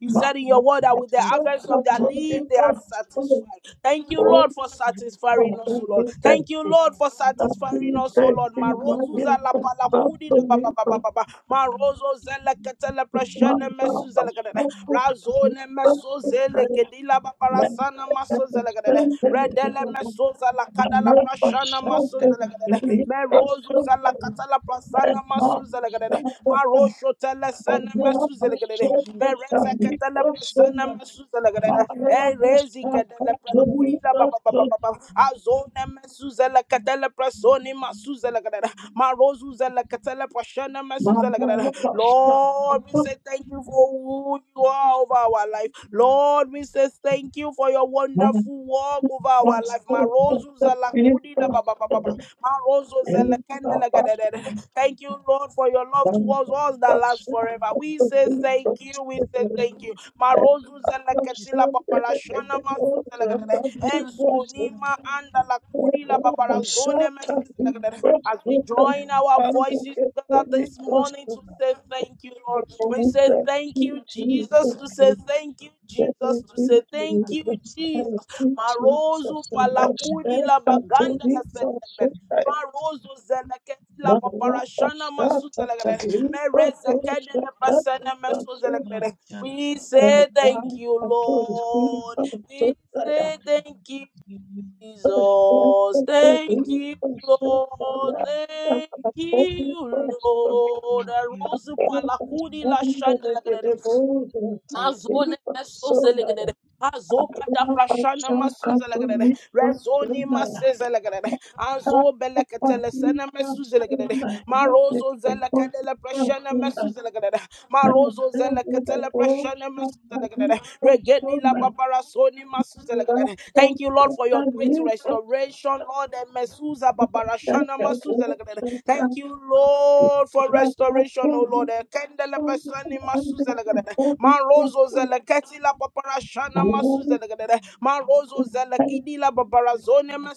[SPEAKER 1] You said in your word that
[SPEAKER 3] I
[SPEAKER 1] with the
[SPEAKER 3] told him,
[SPEAKER 1] harvest of their leaf, they are satisfied. Thank you,
[SPEAKER 2] you.
[SPEAKER 1] Lord, for satisfying
[SPEAKER 3] that
[SPEAKER 1] us, O
[SPEAKER 3] was
[SPEAKER 1] Lord.
[SPEAKER 2] Thank
[SPEAKER 1] Thank you, Lord, for
[SPEAKER 3] the time
[SPEAKER 1] satisfying us, O Lord. Marozo zala palakudi la ba ba ba ba ba ba. Marozo zele ketele
[SPEAKER 3] for me
[SPEAKER 1] presene
[SPEAKER 3] to
[SPEAKER 1] mesi zele ketele. Razone meso zele kedila babarasana maso zele ketele. Redele meso la kada la prashana maso zelegadede. Me rozu zala kata la
[SPEAKER 3] make a
[SPEAKER 1] prasana
[SPEAKER 3] name
[SPEAKER 1] maso
[SPEAKER 3] that
[SPEAKER 1] zelegadede. Ma rosho tele
[SPEAKER 3] was
[SPEAKER 1] sene
[SPEAKER 3] the best
[SPEAKER 1] maso
[SPEAKER 3] thing
[SPEAKER 1] zelegadede.
[SPEAKER 3] to do.
[SPEAKER 1] Me
[SPEAKER 3] She
[SPEAKER 1] reza
[SPEAKER 3] did not
[SPEAKER 1] kata la prasana maso zelegadede. E
[SPEAKER 3] even
[SPEAKER 1] rezi kada la
[SPEAKER 3] have to do it. I told him,
[SPEAKER 1] prakuri la ba ba
[SPEAKER 3] we can so
[SPEAKER 1] ba ba ba ba. Azone maso zela
[SPEAKER 3] much
[SPEAKER 1] kata la prasoni maso zelegadede.
[SPEAKER 3] and much. Yes, yes,
[SPEAKER 1] Ma rozu
[SPEAKER 3] yes,
[SPEAKER 1] zela kata la prashana maso zelegadede. Lord, we say thank you for who who you are over our life. Lord, we say thank you for your
[SPEAKER 2] you.
[SPEAKER 1] wonderful work
[SPEAKER 2] Thank
[SPEAKER 1] over our
[SPEAKER 2] you.
[SPEAKER 1] life.
[SPEAKER 2] Oh,
[SPEAKER 1] Marozo
[SPEAKER 2] thank you,
[SPEAKER 1] zalakudi na
[SPEAKER 2] Jesus.
[SPEAKER 1] ba ba ba ba
[SPEAKER 2] Thank
[SPEAKER 1] ba.
[SPEAKER 2] you, Jesus.
[SPEAKER 1] Marozo
[SPEAKER 2] Thank you,
[SPEAKER 1] zelekende
[SPEAKER 2] Jesus.
[SPEAKER 1] legedede. Thank you, Lord, for your love towards us that lasts forever. We say thank you. We say thank you. Marozu
[SPEAKER 3] yes, yes,
[SPEAKER 1] zeleketi la
[SPEAKER 3] yes.
[SPEAKER 1] masu
[SPEAKER 3] Thank
[SPEAKER 1] zelegedede. Enzoni ma anda lakudi la babara zone mesi as we join our voices together this morning to say thank you, Lord. We say thank you, Jesus, to say thank you, Jesus, to say thank you, Jesus. Marozu
[SPEAKER 2] And
[SPEAKER 1] palakudi la
[SPEAKER 2] I thank you,
[SPEAKER 1] baganda la selekere.
[SPEAKER 2] Jesus.
[SPEAKER 1] Marozo zeleketi la
[SPEAKER 2] Thank
[SPEAKER 1] paparashana masu zelekere. Merezekene le pasene mesu zelekere. We say thank you,
[SPEAKER 2] you.
[SPEAKER 1] Lord. We say thank you, Jesus, thank you, Lord, thank you, Lord.
[SPEAKER 3] you.
[SPEAKER 1] Aruzu palakudi la shanda la gadere. Mazone masoze la gadere. Azoka da prashana masuze la gadere. Rezoni maseze la gadere. Azo belekete lesene mesuze la gadere. Marozo zelekadele prashana mesu zelekadele. Marozo
[SPEAKER 2] Thank
[SPEAKER 1] zelekatele prashana mesu zelekadele. Regedi la babara soni masu Thank you, Lord, for your great restoration, Lord. And mesuza babara shana masu zelekadele. Thank you, Lord, for restoration, O Lord. Eh, Kendele prashani masu zelekadele. Marozo zeleketi la babara shana masu zelekadele. Marozo zelekidi la babara zone masu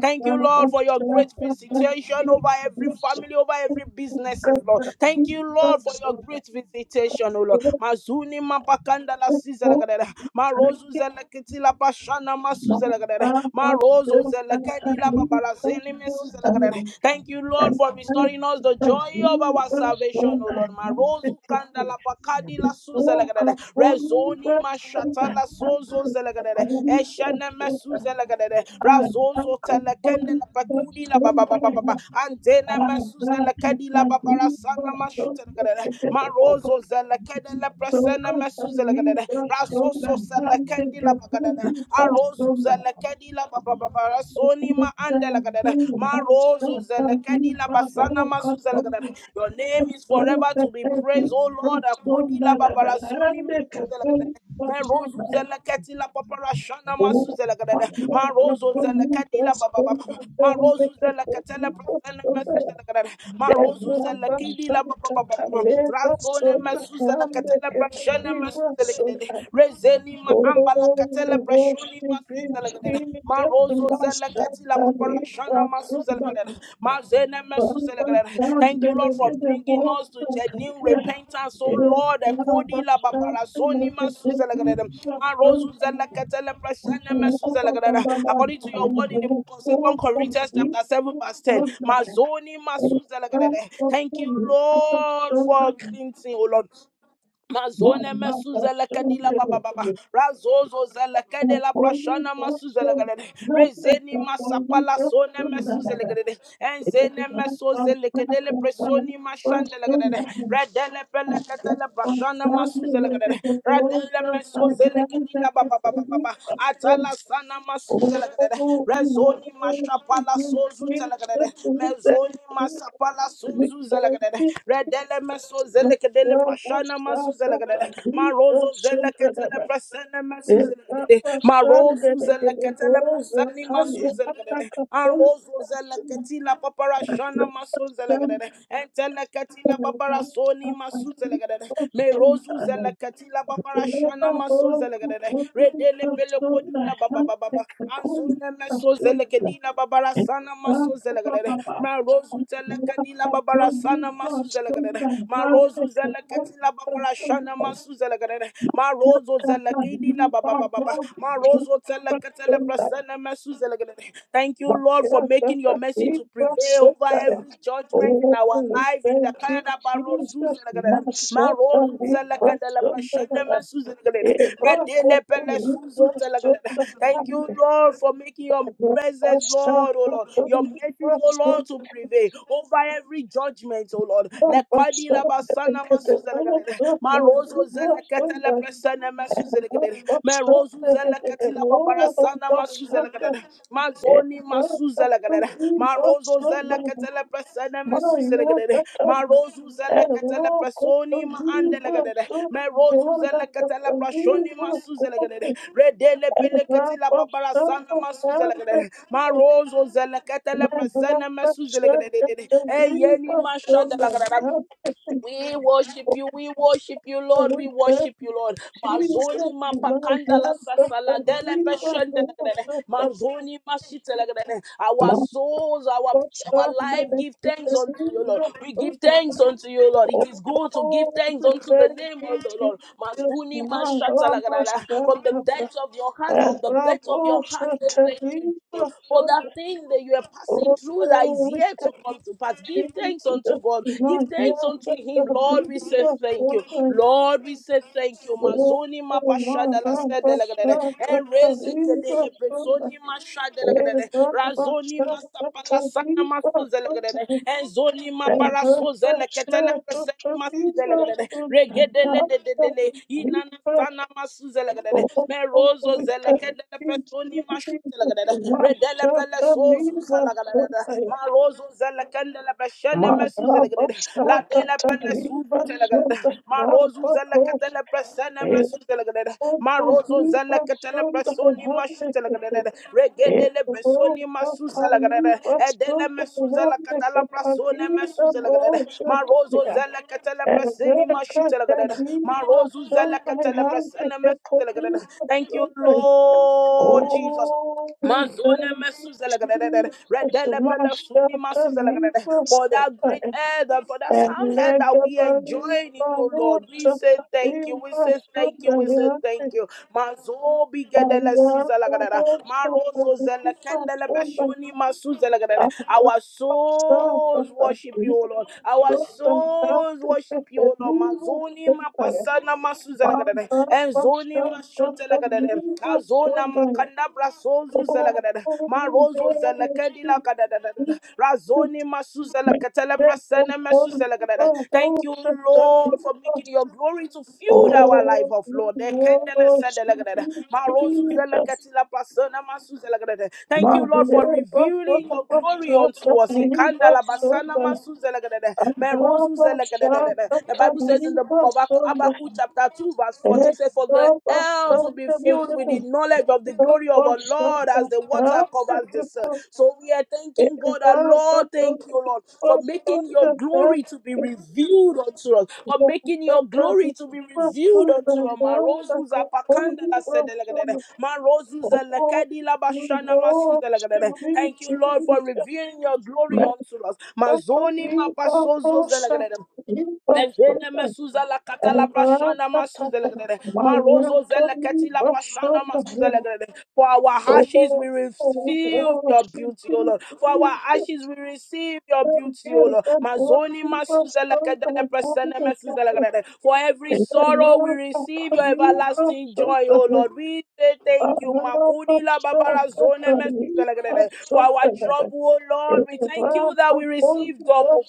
[SPEAKER 1] Thank. Thank you, Lord, for your great visitation over every family, over every businesses, Lord. Thank you, Lord, for your great visitation, O Lord. Mazuni mapakanda la sizelagadere. Marozu
[SPEAKER 2] you.
[SPEAKER 1] zelekiti la pashana
[SPEAKER 2] Not
[SPEAKER 1] masuzelagadere.
[SPEAKER 2] but
[SPEAKER 1] Marozo
[SPEAKER 2] so
[SPEAKER 1] zelekedi la
[SPEAKER 2] early,
[SPEAKER 1] babalazeni mesuzelagadere. Thank you, Lord,
[SPEAKER 2] and
[SPEAKER 1] for restoring us the
[SPEAKER 2] I
[SPEAKER 1] joy of
[SPEAKER 2] knew
[SPEAKER 1] our
[SPEAKER 2] was
[SPEAKER 1] salvation,
[SPEAKER 2] so
[SPEAKER 1] O Lord.
[SPEAKER 2] happy
[SPEAKER 1] Marozu
[SPEAKER 2] to
[SPEAKER 1] kanda
[SPEAKER 2] see.
[SPEAKER 1] la pakadi
[SPEAKER 2] He
[SPEAKER 1] la
[SPEAKER 2] woke
[SPEAKER 1] suzelagadere.
[SPEAKER 2] up
[SPEAKER 1] Rezoni mashata
[SPEAKER 2] I
[SPEAKER 1] la sozo zelagadere shana masuzela gadere
[SPEAKER 2] I am
[SPEAKER 1] razozo
[SPEAKER 2] a
[SPEAKER 1] telekende
[SPEAKER 2] holy
[SPEAKER 1] la pakudi la baba
[SPEAKER 2] person, I
[SPEAKER 1] baba baba antena
[SPEAKER 2] was am not
[SPEAKER 1] masuzela kadi la
[SPEAKER 2] a
[SPEAKER 1] baba
[SPEAKER 2] new
[SPEAKER 1] rasana
[SPEAKER 2] person, so
[SPEAKER 1] mashutela
[SPEAKER 2] I
[SPEAKER 1] gadere marozo zela la presena masuzela gadere rasoso zela
[SPEAKER 2] am so happy
[SPEAKER 1] la bagadere
[SPEAKER 2] to
[SPEAKER 1] arozu
[SPEAKER 2] you.
[SPEAKER 1] zela la baba baba
[SPEAKER 2] Thank
[SPEAKER 1] rasoni ma andela gadere marozo zela la basana masuzela gadere your name is forever to be praised oh lord akudi la baba rasoni Merozu zeleketi la papara shana masu zelekedede. Marozo zelekedi la baba baba. Marozu zeleketele prasene mesu zelekedede. Marozu zelekidi la baba baba baba. Razone mesu zeleketele prasene mesu zelekedede. Rezeni ma ambala
[SPEAKER 2] Oh, we
[SPEAKER 1] ketele prashoni
[SPEAKER 2] worship
[SPEAKER 1] masu
[SPEAKER 2] you,
[SPEAKER 1] Zelegrena,
[SPEAKER 2] Jesus,
[SPEAKER 1] Marozo
[SPEAKER 2] Master,
[SPEAKER 1] Zelekatila
[SPEAKER 2] Tali,
[SPEAKER 1] Paparashana Masu
[SPEAKER 2] Master,
[SPEAKER 1] Zelegrena, Mazene
[SPEAKER 2] Thank
[SPEAKER 1] Mesu Zelegrena. Thank you, Lord, for bringing us to genuine repentance. Oh Lord, Ekodi La Paparasoni Masu Zelegrena, Marozo Zelekatele Prashana Masu Zelegrena. According to your word in the book of Second Corinthians chapter 7 verse 10, Mazoni Masu Zelegrena. Thank you, Lord, for cleansing, oh Lord. Mazone mesuzele kadila baba baba. Razozo zele kedela prashana masuzele gadede. Rezeni masapala sone mesuzele gadede. Enzene mesozele kedele presoni mashandele gadede.
[SPEAKER 2] you.
[SPEAKER 1] Redele pele
[SPEAKER 2] Thank
[SPEAKER 1] ketele prashana masuzele gadede. Redele mesozele kedila baba baba baba. Atala sana masuzele gadede. Rezoni mashapala sozu tele gadede. Mezoni masapala sozu zele gadede. Redele mesozele kedele shana masuzele marozo zele ketele presene masuzele katela zele masuzela, presene masuzele anrozo zele ketila papara shana masuzele entele katila babara soni masuzela gadele. me merozu
[SPEAKER 2] you.
[SPEAKER 1] zele ketila babara
[SPEAKER 2] Thank
[SPEAKER 1] shana masuzele redele pele kodula baba baba baba anzone mesozele kedila babara sana masuzele marozu zele kedila babara sana masuzele zeleketila bafarashana masuzele gadere marozo zelekidi la ba ba ba ba ba marozo teleketele prasene Thank you, Lord, for making your mercy to prevail over every judgment in
[SPEAKER 2] Oh,
[SPEAKER 1] our life in the
[SPEAKER 2] thank you,
[SPEAKER 1] Canada
[SPEAKER 2] Jesus.
[SPEAKER 1] barozu zele gadere
[SPEAKER 2] Masha,
[SPEAKER 1] marozu zeleketele prasene mesuzele gadere
[SPEAKER 2] Thank
[SPEAKER 1] redele pele suzu zele Thank you, Lord, for making your presence, Lord, oh Lord, your mercies, oh Lord, to prevail over every judgment, oh Lord. Lekadi basana masuzelegadere. Marozo zeleketele presene mesuzelegadere. Merozu zeleketila babarasana masuzelegadere. Mazoni masuzelegadere. Marozo zeleketele presene mesuzelegadere. Marozu zeleketele presoni ma andelegadere. Merozu zeleketele prashoni masuzelegadere. Redele peleketila babarasana masuzelegadere.
[SPEAKER 2] you.
[SPEAKER 1] Marozo
[SPEAKER 2] Jesus,
[SPEAKER 1] zeleketele
[SPEAKER 2] My
[SPEAKER 1] presene
[SPEAKER 2] God, the Diva, the
[SPEAKER 1] mesuzelegadere. Eyeni masha de la Granada. We worship you, we worship you, Lord, we worship you, Lord. Mazoni mapakanda la sasala dele beshende legede. Mazoni mashite legede.
[SPEAKER 2] my
[SPEAKER 1] Our souls, our
[SPEAKER 2] God, the
[SPEAKER 1] our life, give thanks unto you, Lord.
[SPEAKER 2] Diva,
[SPEAKER 1] We give thanks unto you, Lord. It is good to give
[SPEAKER 2] Oh,
[SPEAKER 1] thanks
[SPEAKER 2] we
[SPEAKER 1] unto the
[SPEAKER 2] thank
[SPEAKER 1] name of
[SPEAKER 2] you,
[SPEAKER 1] the Lord.
[SPEAKER 2] Jesus,
[SPEAKER 1] Mazuni
[SPEAKER 2] my
[SPEAKER 1] mashata legede. From the
[SPEAKER 2] Rabashakata,
[SPEAKER 1] depths of your hands, from
[SPEAKER 2] and
[SPEAKER 1] the depths of your
[SPEAKER 2] Rabosha
[SPEAKER 1] heart, say thank you,
[SPEAKER 2] Telipa
[SPEAKER 1] Jesus, for that
[SPEAKER 2] Sunday.
[SPEAKER 1] thing that you are passing through that is yet to come to pass hearts. Give
[SPEAKER 2] Jesus
[SPEAKER 1] thanks unto God.
[SPEAKER 2] is
[SPEAKER 1] Give
[SPEAKER 2] not here,
[SPEAKER 1] thanks unto
[SPEAKER 2] but
[SPEAKER 1] Him.
[SPEAKER 2] the
[SPEAKER 1] Lord, we say
[SPEAKER 2] people are
[SPEAKER 1] thank you.
[SPEAKER 2] suffering.
[SPEAKER 1] Lord, we say thank you.
[SPEAKER 2] Oh,
[SPEAKER 1] Mazoni
[SPEAKER 2] my
[SPEAKER 1] mapashada la
[SPEAKER 2] God, the
[SPEAKER 1] sedelegrede.
[SPEAKER 2] Son, the
[SPEAKER 1] And raise
[SPEAKER 2] Tali,
[SPEAKER 1] it to
[SPEAKER 2] the
[SPEAKER 1] the
[SPEAKER 2] Son, the
[SPEAKER 1] presoni mashadelegrede.
[SPEAKER 2] Son, the
[SPEAKER 1] Razoni
[SPEAKER 2] Son, the
[SPEAKER 1] masapala
[SPEAKER 2] Tali,
[SPEAKER 1] sana
[SPEAKER 2] the Son,
[SPEAKER 1] masozelegrede.
[SPEAKER 2] the
[SPEAKER 1] And zoni
[SPEAKER 2] Son, the Son, the
[SPEAKER 1] maparasozeleketelekreseni
[SPEAKER 2] Tali, the
[SPEAKER 1] masidelegrede.
[SPEAKER 2] Son, the Tali,
[SPEAKER 1] Regedele de de de
[SPEAKER 2] the
[SPEAKER 1] Inana
[SPEAKER 2] Son.
[SPEAKER 1] sana masuzelegrede.
[SPEAKER 2] Oh,
[SPEAKER 1] Merozo
[SPEAKER 2] we thank
[SPEAKER 1] zelekedele
[SPEAKER 2] you,
[SPEAKER 1] presoni
[SPEAKER 2] Jesus.
[SPEAKER 1] mashadelegrede. Redele
[SPEAKER 2] Masha
[SPEAKER 1] pele Suza Laganada,
[SPEAKER 2] Taniba
[SPEAKER 1] Marozo zelekende la beshene mesu
[SPEAKER 2] Oh,
[SPEAKER 1] zelegede. La de
[SPEAKER 2] thank
[SPEAKER 1] la
[SPEAKER 2] you,
[SPEAKER 1] belle suzu telegede. Marozo zelekete la presene Marozo zelekete la presoni mashu besoni masu zelegede. Edele la presone mesu zelegede. Marozo zelekete la preseni Marozo zelekete la presene Thank you, Lord Jesus. Manzone mesuzelegrede,
[SPEAKER 2] Jesus.
[SPEAKER 1] redelepele suni masuzelegrede. For that great
[SPEAKER 2] Master,
[SPEAKER 1] head and for that
[SPEAKER 2] Thank you.
[SPEAKER 1] sound head that we enjoy in you, Lord, we say thank you, we say thank you, we say thank you. Mazo bigedele sizelegrede, marozo zelekendele beshoni masuzelegrede. Our souls worship you, O Lord. Our souls worship you, O Lord. Mazoni mapasana masuzelegrede, enzoni telegadere. Azona makanda brasozu zelegadere. Marozo zelekedi la Razoni masu zelekatele prasene mesu Thank you, Lord, for making your glory to fuel our life
[SPEAKER 2] Oh,
[SPEAKER 1] of
[SPEAKER 2] we
[SPEAKER 1] Lord. Ekendele sedelegadere.
[SPEAKER 2] worship
[SPEAKER 1] Marozu
[SPEAKER 2] Jesus.
[SPEAKER 1] zeleketi la prasene Thank you, Lord, for
[SPEAKER 2] Magleba
[SPEAKER 1] revealing your glory unto
[SPEAKER 2] Shata
[SPEAKER 1] us. Ikanda
[SPEAKER 2] Liba
[SPEAKER 1] basana
[SPEAKER 2] Sunda
[SPEAKER 1] masu Merozu
[SPEAKER 2] Ababa
[SPEAKER 1] zelegadere. The
[SPEAKER 2] Shata
[SPEAKER 1] Bible says in the book
[SPEAKER 2] Liba
[SPEAKER 1] of
[SPEAKER 2] Sunda
[SPEAKER 1] Habakkuk Habakkuk chapter 2, verse 14 says, For the
[SPEAKER 2] Ebaba
[SPEAKER 1] earth will be
[SPEAKER 2] Shata
[SPEAKER 1] filled
[SPEAKER 2] Liba
[SPEAKER 1] with the knowledge of the
[SPEAKER 2] Sunda
[SPEAKER 1] glory of our Lord
[SPEAKER 2] Shata
[SPEAKER 1] as the water
[SPEAKER 2] Shata
[SPEAKER 1] covers the sea.
[SPEAKER 2] Kiko
[SPEAKER 1] So we are thanking God, our
[SPEAKER 2] Ebaba
[SPEAKER 1] Lord,
[SPEAKER 2] Shata
[SPEAKER 1] thank you, Lord, for
[SPEAKER 2] Liba
[SPEAKER 1] making your
[SPEAKER 2] Sunda Shata
[SPEAKER 1] glory to be revealed unto us, for making your
[SPEAKER 2] Shata
[SPEAKER 1] glory to be
[SPEAKER 2] Liba
[SPEAKER 1] revealed unto
[SPEAKER 2] Sunda
[SPEAKER 1] us.
[SPEAKER 2] Shata
[SPEAKER 1] Marozu zapakanda la
[SPEAKER 2] Kiko Liba
[SPEAKER 1] sedelegadere. Marozu
[SPEAKER 2] Oh,
[SPEAKER 1] zelekedi la
[SPEAKER 2] we
[SPEAKER 1] bashana masu
[SPEAKER 2] worship
[SPEAKER 1] zelegadere.
[SPEAKER 2] you,
[SPEAKER 1] Thank you, Lord, for
[SPEAKER 2] Jesus.
[SPEAKER 1] revealing your glory unto us. Mazoni mapasozo
[SPEAKER 2] Mekatolibabosa,
[SPEAKER 1] zelegadere. Mevene
[SPEAKER 2] libasona,
[SPEAKER 1] mesuza la kata la prashana masuza
[SPEAKER 2] erakatata,
[SPEAKER 1] legrede. Marozo zele keti la prashana masuza
[SPEAKER 2] mayatolibasona.
[SPEAKER 1] legrede. For our ashes we
[SPEAKER 2] Oh, we
[SPEAKER 1] receive your
[SPEAKER 2] worship
[SPEAKER 1] beauty, O
[SPEAKER 2] you,
[SPEAKER 1] Lord. For our
[SPEAKER 2] Jesus.
[SPEAKER 1] ashes we receive your beauty, O Lord. Mazoni masuza
[SPEAKER 2] Erakatolibasona,
[SPEAKER 1] legrede le presene
[SPEAKER 2] erakatata,
[SPEAKER 1] mesuza
[SPEAKER 2] erakatolibasona,
[SPEAKER 1] legrede. For every sorrow we receive your everlasting joy, O Lord. We say thank you. Makudi la babara zone for our
[SPEAKER 2] erakatolibasona.
[SPEAKER 1] trouble, oh
[SPEAKER 2] Thank
[SPEAKER 1] Lord, we
[SPEAKER 2] you.
[SPEAKER 1] thank you that we receive double.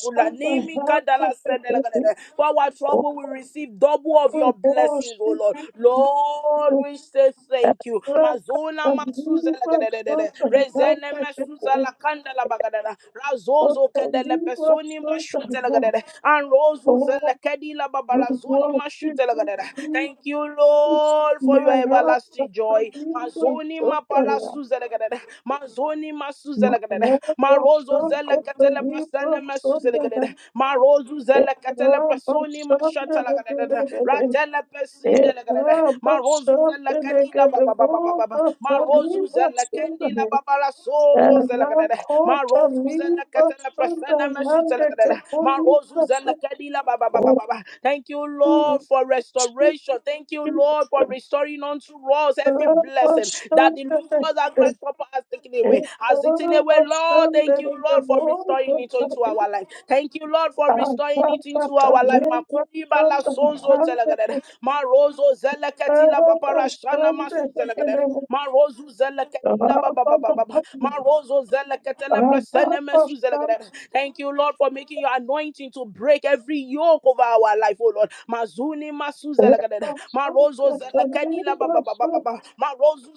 [SPEAKER 1] For our trouble, we receive double of your blessings, oh Lord. Lord, we say thank you. Mazona masuza lagadadadada. Rezene mesuza lakanda labagadada. Razozo kedele pesoni mashute lagadada. Anrozu zelekedi lababarazoni mashute lagadada. Thank you,
[SPEAKER 2] Jesus.
[SPEAKER 1] Lord, for your
[SPEAKER 2] My heart is
[SPEAKER 1] everlasting
[SPEAKER 2] so
[SPEAKER 1] joy.
[SPEAKER 2] deep,
[SPEAKER 1] Mazoni Mazoni
[SPEAKER 2] so
[SPEAKER 1] mapala
[SPEAKER 2] tired.
[SPEAKER 1] suzelegadada. Mazoni
[SPEAKER 2] My
[SPEAKER 1] masuzelegadada.
[SPEAKER 2] heart is
[SPEAKER 1] Marozo
[SPEAKER 2] so
[SPEAKER 1] zele
[SPEAKER 2] cold, so
[SPEAKER 1] katele
[SPEAKER 2] deep,
[SPEAKER 1] prasene
[SPEAKER 2] so tired.
[SPEAKER 1] mesuzelegadada. Marozu
[SPEAKER 2] It's
[SPEAKER 1] zele katele
[SPEAKER 2] so cold,
[SPEAKER 1] prasoni
[SPEAKER 2] so
[SPEAKER 1] mashatalagadada.
[SPEAKER 2] tired.
[SPEAKER 1] Ratele
[SPEAKER 2] Thank
[SPEAKER 1] pesidelegadada. Marozu zele kadila baba baba baba baba. Marozu zele kendila baba la sozo zelegadada. Marozu zele katele prasene mesuzelegadada. Marozu zele kadila baba baba baba. Thank you, Lord, for restoration. Thank you, Lord, for restoring unto us rods, every blessing that the locusts and grasshopper has taken away, has eaten away. Lord, thank you, Lord, for restoring it into our life. Thank you, Lord, for restoring it into our life. Makuri bala sonzo telegadere. Marozo zeleketi la papara shana masu zelegadere. Marozu zeleketi
[SPEAKER 2] you. Thank
[SPEAKER 1] Thank you, Lord, for making your anointing to break every yoke over our life, oh Lord. Mazuni masu Marozo zelekedi la ba ba ba ba ba ba. Marozu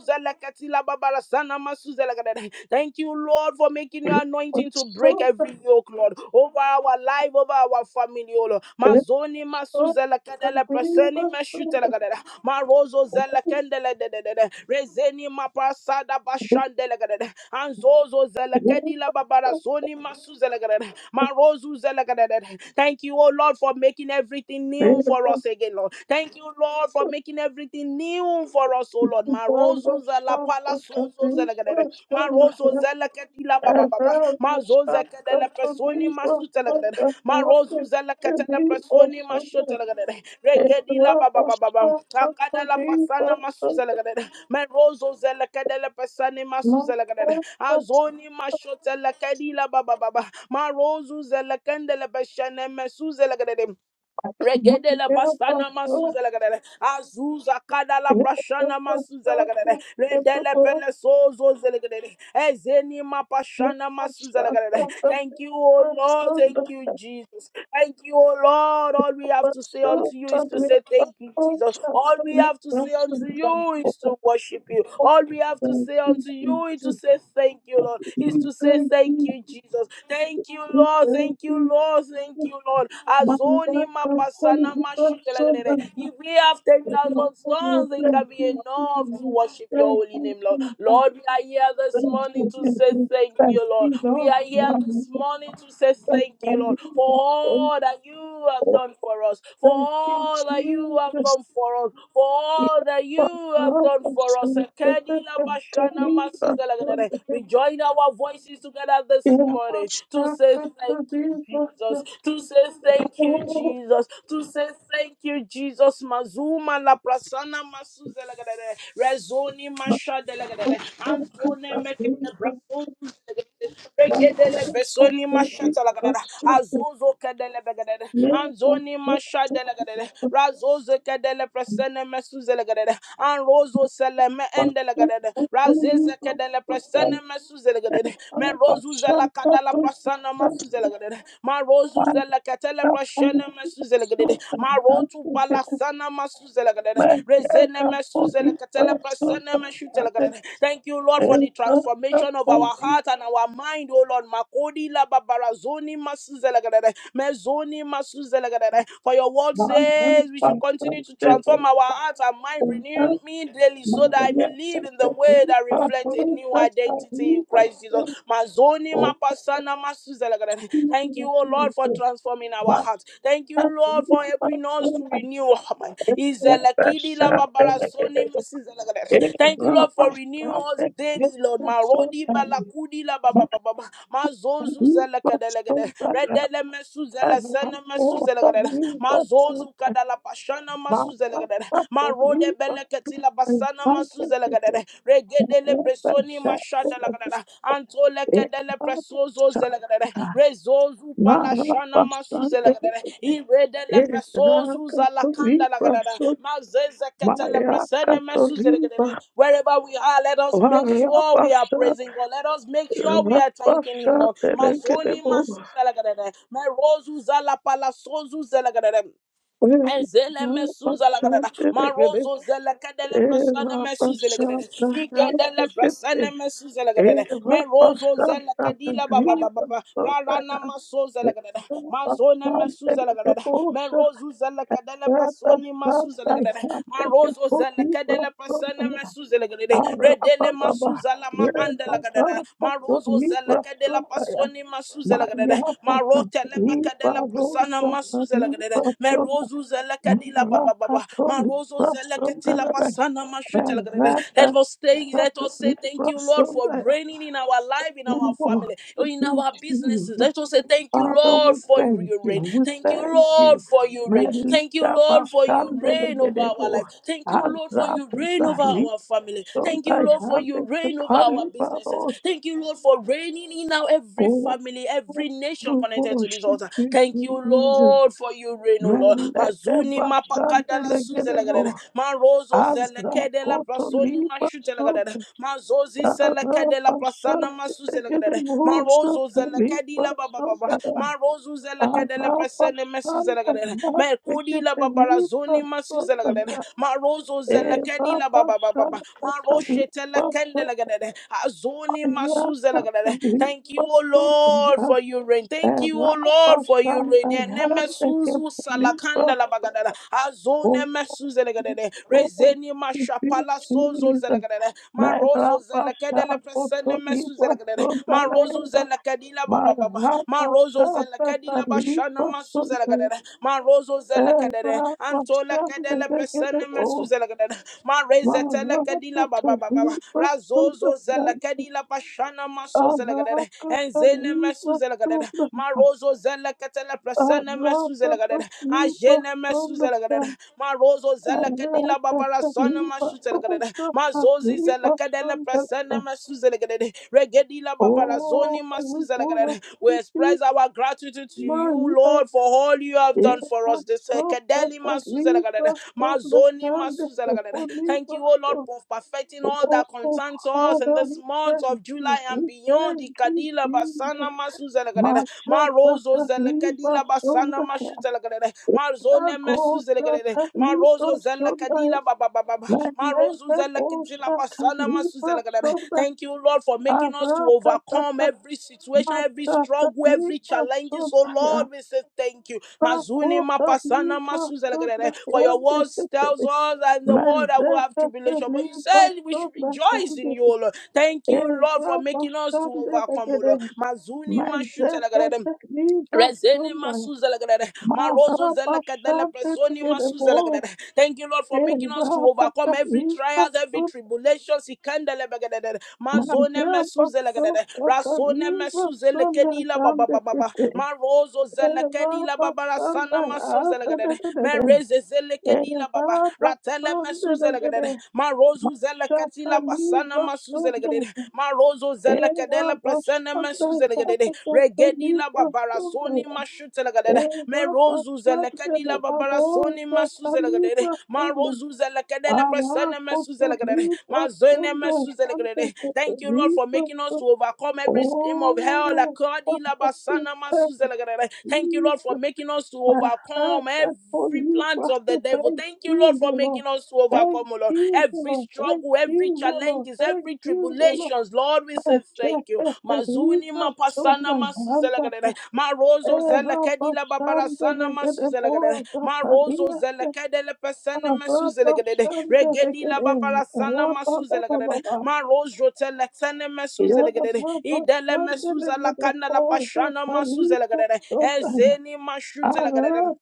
[SPEAKER 1] Thank you, Lord, for making your anointing to break every yoke, Lord, over our life, over our family, oh Lord mazoni masuzela kadele preseni meshutela kadele marozo zela kendele dedede rezeni mapasada bashandele kadele anzozo zela kedila babara zoni masuzela kadele marozu zela kadele Thank you, oh Lord, for making everything new for us again, Lord. Thank you, Lord, for making everything new for us, oh Lord. Marozu zela pala sozo zelegadere marozo zeleketila baba baba mazoze kedele personi masutelegadere marozu zeleketele personi mashotelegadere regedila baba baba baba akadala pasana masuzelegadere merozo zeleketele persani masuzelegadere azoni mashotelekedila baba baba marozu zelekendele beshene mesuzelegadere Regedele bastana
[SPEAKER 2] you.
[SPEAKER 1] masuzele gadele. Azuza kadala
[SPEAKER 2] Thank you.
[SPEAKER 1] prashana
[SPEAKER 2] Thank
[SPEAKER 1] masuzele gadele. Redele pele sozo zele gadele. Ezeni ma pashana masuzele gadele. Thank you, O Lord. Thank you, Jesus. Thank you, O Lord. All we have to say unto you is to say thank you, Jesus. All we have to say unto you is to worship you. All we have to say unto you is to say thank you, Lord. Is to say thank you, Jesus. Thank you, Lord. Thank you, Lord. Oh, thank you, Lord. Azoni mapasana mashutelagrere. If we have 10,000 stones, it can be enough to worship your holy name, Lord. Lord, we are here this morning to say thank you, Lord.
[SPEAKER 2] you,
[SPEAKER 1] We
[SPEAKER 2] Lord.
[SPEAKER 1] are here this morning to say thank you,
[SPEAKER 2] Thank
[SPEAKER 1] Lord, for
[SPEAKER 2] you, Lord.
[SPEAKER 1] all that you have done for us, for
[SPEAKER 2] Thank you,
[SPEAKER 1] all that you have
[SPEAKER 2] Jesus.
[SPEAKER 1] done for us, for all that
[SPEAKER 2] Yapa
[SPEAKER 1] you have done
[SPEAKER 2] rapa
[SPEAKER 1] for us.
[SPEAKER 2] sante
[SPEAKER 1] Ekedila
[SPEAKER 2] kete
[SPEAKER 1] bashana
[SPEAKER 2] liba
[SPEAKER 1] masuzelagrere.
[SPEAKER 2] sante.
[SPEAKER 1] We join our voices together this this
[SPEAKER 2] Yapa
[SPEAKER 1] morning to say
[SPEAKER 2] saka
[SPEAKER 1] thank you,
[SPEAKER 2] liba
[SPEAKER 1] Jesus,
[SPEAKER 2] sante.
[SPEAKER 1] to say thank you, Jesus, to say thank you, Jesus. Mazuma la prasana masuza la rezoni masha de la anzone meke de brazo lagadere, regede le besoni masha de la gadere, begadere, anzoni masha de la razozo kede le prasene masuza anrozo seleme
[SPEAKER 2] Oh,
[SPEAKER 1] ende la razeze prasana masuzelagadere men rozuzela kadala prasana masuzelagadere ma rozuzela katela prasana masuzelagadere ma rotu
[SPEAKER 2] Thank you.
[SPEAKER 1] palasana masuzelagadere
[SPEAKER 2] Thank
[SPEAKER 1] rezene masuzela katela prasana masuzelagadere thank you lord for the transformation of our heart and our mind oh lord makodi la babarazoni masuzelagadere mezoni masuzelagadere for your word says we should continue to transform our hearts and mind renewing me daily so that I may live in the way that reflects a new identity in Christ Jesus. Mazoni mapasana masuzalagada. Thank you, oh Lord, for transforming our hearts. Thank you, Lord, for helping us to renew our mind. Izalakidi lababarasoni masuzalagada. Thank you, Lord, for renewing us daily, Lord. Marodi balakudi lababababa. Mazozu zalakadalagada.
[SPEAKER 2] you.
[SPEAKER 1] Redele mesuzela sana
[SPEAKER 2] Rabasha,
[SPEAKER 1] masuzalagada. Mazozu kadala pashana masuzalagada marode beleketila basana masuzele gadere regedele bresoni mashada lagadere antole kedele presozo zele gadere rezozu palashana masuzele gadere iredele presozu zalakanda lagadere mazeze ketele presene mesuzele gadere wherever we are let us make sure we are praising God let us make sure we are thanking him Lord mazoni masuzele gadere merozu zala palasozu zele gadere Ezele mesuza la gadada. Marozo zele kadele prasana mesuze la gadada. Ikedele prasana mesuze la gadada.
[SPEAKER 2] Eva Libra
[SPEAKER 1] Merozo zele kadila baba baba baba. Rarana masoze la gadada. Mazone mesuze la gadada. Merozo zele kadele prasoni masuze la gadada. Marozo zele kadele prasana mesuze la gadada. Redele masuza la ma ande la gadada. Marozo zele kadele prasoni masuze la gadada. Marote lepe kadele prasana masuze la gadada. Merozu zelekadila baba baba. Marozo zelekatila pasana mashutelekadila. Let
[SPEAKER 2] Sonda,
[SPEAKER 1] us stay. Let us say thank
[SPEAKER 2] Libra
[SPEAKER 1] you, Lord, for
[SPEAKER 2] Sonda,
[SPEAKER 1] reigning in our life, in
[SPEAKER 2] We
[SPEAKER 1] our
[SPEAKER 2] want
[SPEAKER 1] family,
[SPEAKER 2] to
[SPEAKER 1] in
[SPEAKER 2] be
[SPEAKER 1] our businesses.
[SPEAKER 2] Jesus.
[SPEAKER 1] Let us say thank you,
[SPEAKER 2] Father, we
[SPEAKER 1] Lord, for
[SPEAKER 2] thank
[SPEAKER 1] your reign.
[SPEAKER 2] you. We
[SPEAKER 1] Thank you,
[SPEAKER 2] thank
[SPEAKER 1] Lord,
[SPEAKER 2] you.
[SPEAKER 1] for your reign. Thank you,
[SPEAKER 2] Melita
[SPEAKER 1] Lord, for your
[SPEAKER 2] Basande
[SPEAKER 1] reign over our
[SPEAKER 2] Legedebo.
[SPEAKER 1] life. Thank you, Lord, for your
[SPEAKER 2] Azatu
[SPEAKER 1] reign over
[SPEAKER 2] Dali.
[SPEAKER 1] our family. Thank you,
[SPEAKER 2] Sondai
[SPEAKER 1] Lord, for your
[SPEAKER 2] Hande
[SPEAKER 1] reign over our
[SPEAKER 2] Kepali
[SPEAKER 1] businesses.
[SPEAKER 2] Baros.
[SPEAKER 1] Thank you, Lord, for reigning in our every
[SPEAKER 2] Oh,
[SPEAKER 1] family,
[SPEAKER 2] oh,
[SPEAKER 1] every nation
[SPEAKER 2] we
[SPEAKER 1] connected to this
[SPEAKER 2] worship
[SPEAKER 1] altar.
[SPEAKER 2] you,
[SPEAKER 1] Thank you,
[SPEAKER 2] Jesus.
[SPEAKER 1] Lord, for for you reign, O Lord.
[SPEAKER 2] Meleke
[SPEAKER 1] Mazuni
[SPEAKER 2] Basande
[SPEAKER 1] mapakadala suzelegadada.
[SPEAKER 2] Legedebo.
[SPEAKER 1] Marozo zelekedela
[SPEAKER 2] Azakoto
[SPEAKER 1] brasoni
[SPEAKER 2] Liba
[SPEAKER 1] mashutelegadada.
[SPEAKER 2] Sota.
[SPEAKER 1] Mazozi
[SPEAKER 2] Dara
[SPEAKER 1] selekedela prasana
[SPEAKER 2] Basande
[SPEAKER 1] masuzelegadada.
[SPEAKER 2] Legedebo.
[SPEAKER 1] Marozo
[SPEAKER 2] Sota Liba
[SPEAKER 1] zelekedila bababa.
[SPEAKER 2] Sota.
[SPEAKER 1] Marozo zelekedela
[SPEAKER 2] Araba
[SPEAKER 1] presene
[SPEAKER 2] Santa
[SPEAKER 1] mesuzelegadada.
[SPEAKER 2] Santa que
[SPEAKER 1] Merkudila
[SPEAKER 2] te
[SPEAKER 1] babarazoni
[SPEAKER 2] libras toda
[SPEAKER 1] masuzelegadada.
[SPEAKER 2] la
[SPEAKER 1] Marozo
[SPEAKER 2] Eva
[SPEAKER 1] zelekedila bababa.
[SPEAKER 2] Basa
[SPEAKER 1] Maroshe
[SPEAKER 2] Catalipa
[SPEAKER 1] telekendelegadada. Azoni
[SPEAKER 2] Somaya
[SPEAKER 1] masuzelegadada. Thank
[SPEAKER 2] Catalipa
[SPEAKER 1] you, O Lord,
[SPEAKER 2] Sotana
[SPEAKER 1] for your rain. Thank you, O
[SPEAKER 2] Eva
[SPEAKER 1] Lord, for your
[SPEAKER 2] Basanta
[SPEAKER 1] rain. Azone
[SPEAKER 2] Yande que
[SPEAKER 1] mesuzu
[SPEAKER 2] te
[SPEAKER 1] salakanda
[SPEAKER 2] libras
[SPEAKER 1] la bagadada azone
[SPEAKER 2] toda
[SPEAKER 1] mesuze legadede
[SPEAKER 2] toda
[SPEAKER 1] rezeni
[SPEAKER 2] tu
[SPEAKER 1] mashapala sozo
[SPEAKER 2] vida
[SPEAKER 1] zelegadede marozo
[SPEAKER 2] Mera
[SPEAKER 1] zelekede
[SPEAKER 2] Basa
[SPEAKER 1] le presene mesuze
[SPEAKER 2] Cotolipa
[SPEAKER 1] legadede
[SPEAKER 2] Sotana
[SPEAKER 1] marozo
[SPEAKER 2] Eva
[SPEAKER 1] zelekadila baba
[SPEAKER 2] Mara
[SPEAKER 1] baba marozo
[SPEAKER 2] Basa
[SPEAKER 1] zelekedi la bashana
[SPEAKER 2] Catalipa
[SPEAKER 1] masuze legadede marozo
[SPEAKER 2] Oh, we
[SPEAKER 1] zelekadede antole kedele presene mesuze legadede mareze telekadila baba baba razozo zelekedi la bashana maso zelegadede enzene mesuze legadede marozo zelekete la prasana masuzela gadada masuzela marozo zela kadila babara sana masuzela mazozi zela kadela prasana masuzela gadada babara zoni masuzela
[SPEAKER 2] will
[SPEAKER 1] we
[SPEAKER 2] see
[SPEAKER 1] express our gratitude to you
[SPEAKER 2] Maria.
[SPEAKER 1] lord for all you have
[SPEAKER 2] Yes,
[SPEAKER 1] done for us this uh,
[SPEAKER 2] so that the
[SPEAKER 1] masuzela
[SPEAKER 2] river, so the
[SPEAKER 1] mazoni
[SPEAKER 2] sand,
[SPEAKER 1] masuzela
[SPEAKER 2] the
[SPEAKER 1] Thank you, O Lord,
[SPEAKER 2] river,
[SPEAKER 1] for perfecting all
[SPEAKER 2] Oh,
[SPEAKER 1] that concerns us in
[SPEAKER 2] Father,
[SPEAKER 1] this
[SPEAKER 2] we
[SPEAKER 1] month
[SPEAKER 2] thank
[SPEAKER 1] of
[SPEAKER 2] you.
[SPEAKER 1] July and
[SPEAKER 2] We
[SPEAKER 1] beyond.
[SPEAKER 2] thank you,
[SPEAKER 1] Ikadila basana
[SPEAKER 2] Jesus.
[SPEAKER 1] masuzela gadada
[SPEAKER 2] Masha Pataliba
[SPEAKER 1] zelekadila basana
[SPEAKER 2] Sundaya.
[SPEAKER 1] mashutelekelele
[SPEAKER 2] Ela
[SPEAKER 1] mazone
[SPEAKER 2] Gosa
[SPEAKER 1] mesuzelekelele
[SPEAKER 2] Taliba
[SPEAKER 1] marozo
[SPEAKER 2] Sundaya.
[SPEAKER 1] zelekadila babababa marozo
[SPEAKER 2] Meleka
[SPEAKER 1] zelekadila
[SPEAKER 2] Bosha
[SPEAKER 1] basana
[SPEAKER 2] Taliba
[SPEAKER 1] masuzelekelele
[SPEAKER 2] Sundaya.
[SPEAKER 1] Thank you, Lord, for making us to
[SPEAKER 2] Arata
[SPEAKER 1] overcome
[SPEAKER 2] Tata
[SPEAKER 1] every situation, every
[SPEAKER 2] Masa
[SPEAKER 1] struggle, every
[SPEAKER 2] Taliba
[SPEAKER 1] challenges. Oh
[SPEAKER 2] Sundaya.
[SPEAKER 1] Lord, we say thank you. Mazuni
[SPEAKER 2] Bako
[SPEAKER 1] mapasana
[SPEAKER 2] Taliba
[SPEAKER 1] masuzelekelele. For your
[SPEAKER 2] Sundaya.
[SPEAKER 1] words tells us and the world that will have
[SPEAKER 2] Mezeka
[SPEAKER 1] tribulation. But you said
[SPEAKER 2] Taliba
[SPEAKER 1] we should rejoice in
[SPEAKER 2] Sundaya.
[SPEAKER 1] you, O Lord. Thank you, Lord, for making us to overcome, O
[SPEAKER 2] Ezabashandegede,
[SPEAKER 1] Lord. Mazuni mashutelekelele.
[SPEAKER 2] mezeketeli
[SPEAKER 1] Rezene
[SPEAKER 2] basunda,
[SPEAKER 1] masuza lagadada. Marozo zelakadele presoni
[SPEAKER 2] mazabashandegede bo,
[SPEAKER 1] masuza lagadada. Thank you, Lord, for making us to overcome
[SPEAKER 2] ezabatali
[SPEAKER 1] every trials, every
[SPEAKER 2] basunda,
[SPEAKER 1] tribulation. Sikandele bagadada. Mazone mesuze lagadada.
[SPEAKER 2] majabasotatali
[SPEAKER 1] Rasone mesuze
[SPEAKER 2] basunda,
[SPEAKER 1] lekedila baba baba baba.
[SPEAKER 2] gandekete,
[SPEAKER 1] Marozo zelekedila baba
[SPEAKER 2] ezabasanda,
[SPEAKER 1] rasana masuze lagadada.
[SPEAKER 2] adededede,
[SPEAKER 1] Mereze zelekedila baba. Ratele mesuze
[SPEAKER 2] ezabasondegede,
[SPEAKER 1] lagadada. Marozo zelekatila
[SPEAKER 2] mashatali
[SPEAKER 1] basana masuze
[SPEAKER 2] basunda,
[SPEAKER 1] lagadada. Rozo zelekadela presene
[SPEAKER 2] ezabasanda,
[SPEAKER 1] mesu
[SPEAKER 2] adededede,
[SPEAKER 1] Regedila
[SPEAKER 2] basunda,
[SPEAKER 1] babarasoni mashu telegadede. Me
[SPEAKER 2] Elabashadele
[SPEAKER 1] babarasoni
[SPEAKER 2] barosa
[SPEAKER 1] masu zelegadede.
[SPEAKER 2] taliba
[SPEAKER 1] Ma
[SPEAKER 2] sonde.
[SPEAKER 1] rozu zelekadele presene mesu
[SPEAKER 2] Arakoto liba sonde. Sante kete
[SPEAKER 1] Thank you, Lord, for
[SPEAKER 2] liba
[SPEAKER 1] making us to
[SPEAKER 2] sonde.
[SPEAKER 1] overcome every scheme of hell.
[SPEAKER 2] Oh,
[SPEAKER 1] Akadila
[SPEAKER 2] Father, we
[SPEAKER 1] basana
[SPEAKER 2] thank
[SPEAKER 1] masu Thank you, Lord, for
[SPEAKER 2] Jesus.
[SPEAKER 1] making us to overcome every
[SPEAKER 2] Arakoto
[SPEAKER 1] every
[SPEAKER 2] you,
[SPEAKER 1] plant of the
[SPEAKER 2] sonde.
[SPEAKER 1] devil.
[SPEAKER 2] Thank
[SPEAKER 1] Thank you, Lord,
[SPEAKER 2] you,
[SPEAKER 1] for
[SPEAKER 2] Lord.
[SPEAKER 1] making us to overcome,
[SPEAKER 2] Thank
[SPEAKER 1] oh Lord.
[SPEAKER 2] you,
[SPEAKER 1] Every
[SPEAKER 2] Lord. Thank
[SPEAKER 1] struggle,
[SPEAKER 2] you,
[SPEAKER 1] every
[SPEAKER 2] Lord.
[SPEAKER 1] challenges,
[SPEAKER 2] Thank
[SPEAKER 1] every
[SPEAKER 2] you, Lord. I
[SPEAKER 1] tribulations, Lord, we say thank you.
[SPEAKER 2] Ashakete
[SPEAKER 1] Mazuni
[SPEAKER 2] liba
[SPEAKER 1] mapasana
[SPEAKER 2] sonde.
[SPEAKER 1] masuzelagadere.
[SPEAKER 2] Arata leba sota
[SPEAKER 1] Marozo zelakadila babarasana masuzelagadere. Marozo zelakadele pesene masuzelagadere. Regedila babarasana masuzelagadere. Marozo telexene masuzelagadere. Idele mesuzalakana la pashana masuzelagadere. Ezeni mashutelagadere.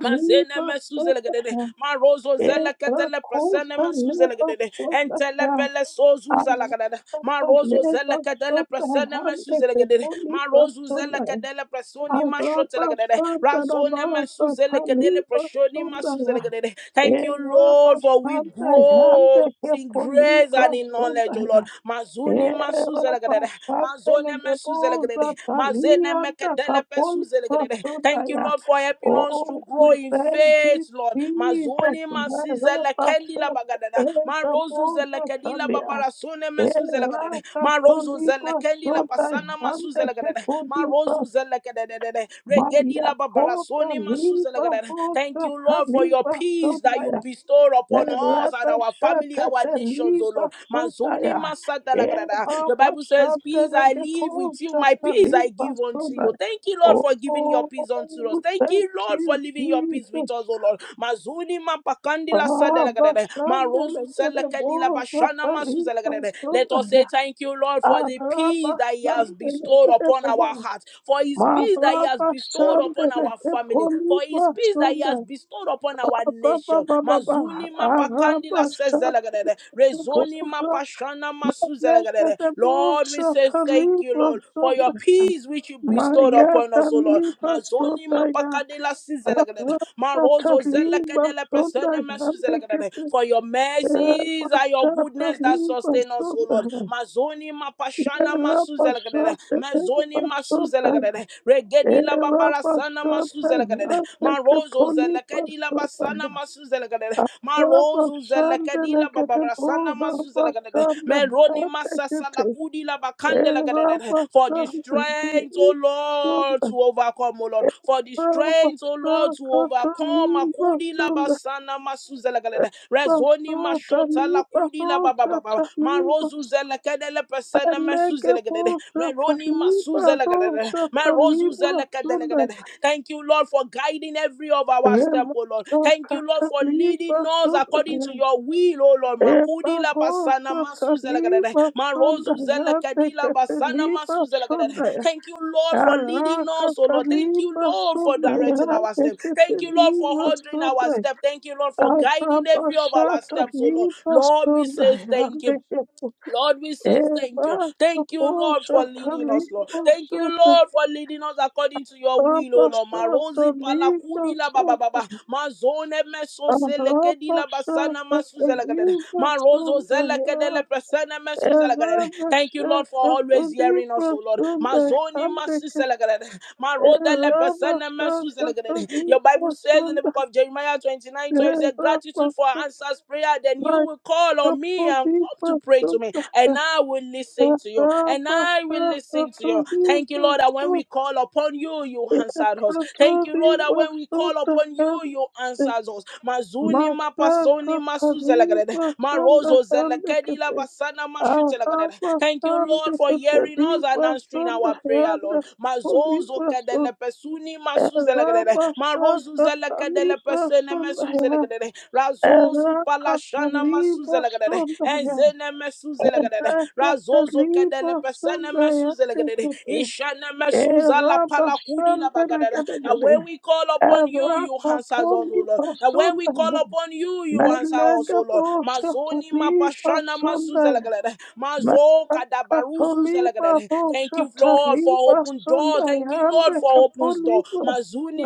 [SPEAKER 1] Mazene mesuzelegedede, marozo zeleketele presene mesuzelegedede, entelepele sozuzalakadada, marozo zeleketele presene
[SPEAKER 2] hande de
[SPEAKER 1] mesuzelegedede,
[SPEAKER 2] poli
[SPEAKER 1] marozo zeleketele presoni mashotelegedede, razone mesuzelekedele preshoni
[SPEAKER 2] Arabasandaramasatalimasondaya.
[SPEAKER 1] masuzelegedede. Thank you, Lord, for we grow in grace and in knowledge, O
[SPEAKER 2] Erabasandayandekepolibrasondaya.
[SPEAKER 1] Lord. Mazuni masuzelekedede, mazone mesuzelekedede, Zenemekedelepesuzelegedede. Thank you,
[SPEAKER 2] Erabasandelegebozataliyandakapolbrasondaya.
[SPEAKER 1] Lord, for helping us to
[SPEAKER 2] Oh, we
[SPEAKER 1] grow in
[SPEAKER 2] thank you,
[SPEAKER 1] faith, Lord.
[SPEAKER 2] Jesus.
[SPEAKER 1] Mazoni masizelekelila bagadada. Marozu zelekelila
[SPEAKER 2] Erabasandayandekepolibrasondaya.
[SPEAKER 1] babarasone mesuzelekedede. Marozu zelekendila basana masuzelekedede. Marozu
[SPEAKER 2] Erakatolibasondaya.
[SPEAKER 1] zelekedededede.
[SPEAKER 2] Maria
[SPEAKER 1] Regedila
[SPEAKER 2] Kota
[SPEAKER 1] babarasone
[SPEAKER 2] Liba
[SPEAKER 1] masuzelekedede. Thank
[SPEAKER 2] Rosa
[SPEAKER 1] you, Lord, for your
[SPEAKER 2] Taliba
[SPEAKER 1] peace that you
[SPEAKER 2] Sonaya
[SPEAKER 1] bestow upon us and
[SPEAKER 2] Erebe
[SPEAKER 1] our family, our
[SPEAKER 2] Setete
[SPEAKER 1] nations, O
[SPEAKER 2] Liba
[SPEAKER 1] Lord. Mazoni
[SPEAKER 2] Sonaya Eva
[SPEAKER 1] your Bible says, Peace
[SPEAKER 2] Basandele
[SPEAKER 1] I leave with you,
[SPEAKER 2] Geposa
[SPEAKER 1] my peace I
[SPEAKER 2] Taliba
[SPEAKER 1] give unto you. Thank you, Lord,
[SPEAKER 2] Sonaya
[SPEAKER 1] for giving your
[SPEAKER 2] Oh,
[SPEAKER 1] peace unto us. Thank
[SPEAKER 2] thank
[SPEAKER 1] you, Lord, for
[SPEAKER 2] you,
[SPEAKER 1] leaving your peace
[SPEAKER 2] Jesus.
[SPEAKER 1] with us, Oh Lord. Mazuni mampakandila
[SPEAKER 2] Abba
[SPEAKER 1] sadelagadede.
[SPEAKER 2] Sandele
[SPEAKER 1] Marozu selekadila
[SPEAKER 2] Gedebosa
[SPEAKER 1] bashana
[SPEAKER 2] Taliba
[SPEAKER 1] masuzelagadede. Let us say
[SPEAKER 2] Sonaya
[SPEAKER 1] thank you, Lord, for the peace
[SPEAKER 2] Araba
[SPEAKER 1] that He has
[SPEAKER 2] Sandele
[SPEAKER 1] bestowed upon our
[SPEAKER 2] Gedebosa
[SPEAKER 1] hearts, for His peace that He has
[SPEAKER 2] Maraba
[SPEAKER 1] bestowed upon
[SPEAKER 2] Sandele
[SPEAKER 1] our family, for His
[SPEAKER 2] Gepoliba
[SPEAKER 1] peace that He has
[SPEAKER 2] Sonaya
[SPEAKER 1] bestowed upon our
[SPEAKER 2] ba ba
[SPEAKER 1] nation.
[SPEAKER 2] ba ba ba,
[SPEAKER 1] Mazuni
[SPEAKER 2] Araba
[SPEAKER 1] mapakandila
[SPEAKER 2] sante
[SPEAKER 1] sezelegadede. Rezoli
[SPEAKER 2] koza.
[SPEAKER 1] mapashana
[SPEAKER 2] Manete
[SPEAKER 1] masuzelegadede.
[SPEAKER 2] de
[SPEAKER 1] Lord, we
[SPEAKER 2] bosa
[SPEAKER 1] say thank you,
[SPEAKER 2] taliba
[SPEAKER 1] Lord, for your
[SPEAKER 2] sonda.
[SPEAKER 1] peace which you bestowed
[SPEAKER 2] Maya
[SPEAKER 1] upon us, O Lord.
[SPEAKER 2] taliba sonda,
[SPEAKER 1] Mazoni
[SPEAKER 2] sodaya
[SPEAKER 1] mapakadila sizelegadede.
[SPEAKER 2] arata
[SPEAKER 1] Marozo
[SPEAKER 2] taliba
[SPEAKER 1] zelekadele
[SPEAKER 2] sonda
[SPEAKER 1] presene
[SPEAKER 2] sodaya
[SPEAKER 1] mesuzelegadede.
[SPEAKER 2] dekete
[SPEAKER 1] For your mercies are your
[SPEAKER 2] pasha
[SPEAKER 1] goodness that
[SPEAKER 2] taliba
[SPEAKER 1] sustain us, O Lord.
[SPEAKER 2] sodaya
[SPEAKER 1] Mazoni mapashana
[SPEAKER 2] era pasha
[SPEAKER 1] masuzelegadede.
[SPEAKER 2] era
[SPEAKER 1] Mazoni
[SPEAKER 2] pasodaya
[SPEAKER 1] masuzelegadede. Regedi la
[SPEAKER 2] era
[SPEAKER 1] babara sana
[SPEAKER 2] pasodaya
[SPEAKER 1] zelegadere.
[SPEAKER 2] deke
[SPEAKER 1] Marozo zelekadila
[SPEAKER 2] poli
[SPEAKER 1] basana masu zelegadere. Marozo
[SPEAKER 2] Rabashanda
[SPEAKER 1] zelekadila
[SPEAKER 2] Lekatabo
[SPEAKER 1] babarasana masu zelegadere.
[SPEAKER 2] Rabashanda
[SPEAKER 1] Meroni masasa
[SPEAKER 2] Hatakate
[SPEAKER 1] lakudila bakandela gadere. For the
[SPEAKER 2] Rabashanda
[SPEAKER 1] strength, O Lord,
[SPEAKER 2] Sunda
[SPEAKER 1] to overcome, O Lord. For the strength, O Lord, to
[SPEAKER 2] Rabashaka
[SPEAKER 1] overcome.
[SPEAKER 2] Tamiba
[SPEAKER 1] Akudila
[SPEAKER 2] Sunda
[SPEAKER 1] basana masu zelegadere. Rezoni
[SPEAKER 2] Basota
[SPEAKER 1] mashota
[SPEAKER 2] Miba
[SPEAKER 1] lakudila
[SPEAKER 2] Rosa
[SPEAKER 1] babababa.
[SPEAKER 2] Tamiba
[SPEAKER 1] Marozo zelekadele pesene masu zelegadere.
[SPEAKER 2] Alegabota Tamiba
[SPEAKER 1] Masuzelegadada,
[SPEAKER 2] Rosa Tamiba Sunda
[SPEAKER 1] Marozuzelegadelegadada. Thank you, Lord, for guiding every of our step, oh Lord. Thank
[SPEAKER 2] Remasaka
[SPEAKER 1] you, Lord, for leading
[SPEAKER 2] Tamiba
[SPEAKER 1] us according
[SPEAKER 2] Sunda
[SPEAKER 1] to your will, oh Lord. Makudi la basana
[SPEAKER 2] Ebavosa
[SPEAKER 1] masuzelegadada,
[SPEAKER 2] taliba sonda yate
[SPEAKER 1] Marozuzelegadila basana
[SPEAKER 2] keteliba
[SPEAKER 1] masuzelegadada.
[SPEAKER 2] sonda
[SPEAKER 1] Thank you, Lord, for leading
[SPEAKER 2] araka
[SPEAKER 1] us, oh Lord. Thank you,
[SPEAKER 2] taliba
[SPEAKER 1] Lord, for
[SPEAKER 2] sonda
[SPEAKER 1] directing our
[SPEAKER 2] yate
[SPEAKER 1] step. Thank you, Lord, for
[SPEAKER 2] keteliba
[SPEAKER 1] ordering our
[SPEAKER 2] sonda
[SPEAKER 1] step. Thank you, Lord, for guiding every of
[SPEAKER 2] arabasha
[SPEAKER 1] our steps, oh Lord.
[SPEAKER 2] taliba
[SPEAKER 1] Lord, we
[SPEAKER 2] sonda
[SPEAKER 1] say thank you.
[SPEAKER 2] yate ketu
[SPEAKER 1] Lord, we say thank you.
[SPEAKER 2] eraka
[SPEAKER 1] Thank you, Lord,
[SPEAKER 2] posha
[SPEAKER 1] for leading us, Lord.
[SPEAKER 2] taliba
[SPEAKER 1] Thank you,
[SPEAKER 2] sonda
[SPEAKER 1] Lord, for leading us according to your will, O Lord.
[SPEAKER 2] arabasha
[SPEAKER 1] Marozi
[SPEAKER 2] taliba
[SPEAKER 1] palakudi la baba
[SPEAKER 2] sonda
[SPEAKER 1] baba. Mazone meso selekedi la
[SPEAKER 2] arabasha
[SPEAKER 1] basana masuzelagadere.
[SPEAKER 2] taliba
[SPEAKER 1] Marozo
[SPEAKER 2] sonda
[SPEAKER 1] zelekedele presene mesuzelagadere. Thank you,
[SPEAKER 2] Masaka
[SPEAKER 1] Lord, for always hearing
[SPEAKER 2] Taniba
[SPEAKER 1] us, O Lord.
[SPEAKER 2] Sunda
[SPEAKER 1] Mazoni masuzelagadere. Marodele presene mesuzelagadere. Your Bible says in the book of Jeremiah. Jeremiah 29 twelve, he said, Gratitude for answers prayer. Then you will call on me and come to pray to me, and I will listen to you. And I will listen to you. Thank you, Lord, that when we call upon you, you answered us. Thank you, Lord, that when we call upon you, you answered us. Mazuni mapasoni masuzelagadede, marozo zelekedila
[SPEAKER 2] Handicap
[SPEAKER 1] basana mashutelagadede. Thank you,
[SPEAKER 2] Ahabasande
[SPEAKER 1] Lord, for hearing us and
[SPEAKER 2] Ketebiba
[SPEAKER 1] answering
[SPEAKER 2] Sunda
[SPEAKER 1] our prayer prayer,
[SPEAKER 2] Yanda
[SPEAKER 1] Lord. Mazozo
[SPEAKER 2] Koliba Sun
[SPEAKER 1] kadele pesuni masuzelegrede.
[SPEAKER 2] Eraba Shaka
[SPEAKER 1] Marozuzelekedele
[SPEAKER 2] Taliba
[SPEAKER 1] pesene
[SPEAKER 2] Sunda Yan
[SPEAKER 1] mesuzelegrede. Razozu
[SPEAKER 2] Eraka
[SPEAKER 1] palashana
[SPEAKER 2] Taliba
[SPEAKER 1] masuzelegrede.
[SPEAKER 2] Sunda Yan
[SPEAKER 1] Enzene mesuzelegrede.
[SPEAKER 2] Eraka
[SPEAKER 1] Razozo
[SPEAKER 2] Taliba
[SPEAKER 1] kedele pesene
[SPEAKER 2] Sunda Yan
[SPEAKER 1] mesuzelegrede.
[SPEAKER 2] Kete
[SPEAKER 1] Ishane mesuza
[SPEAKER 2] Eraba
[SPEAKER 1] palakudi la bagadada. And when we call upon you, you answer us, O Lord. And when we call upon you, you answer us, O Lord. Mazoni mapashana masuzelagadere. Mazo kadabaruzu
[SPEAKER 2] Katoliba
[SPEAKER 1] zelagadere. Thank you, Lord, for
[SPEAKER 2] Rosataliba
[SPEAKER 1] open door. Thank you, Lord,
[SPEAKER 2] Sondayande
[SPEAKER 1] for open door.
[SPEAKER 2] Kapoliba.
[SPEAKER 1] Mazuni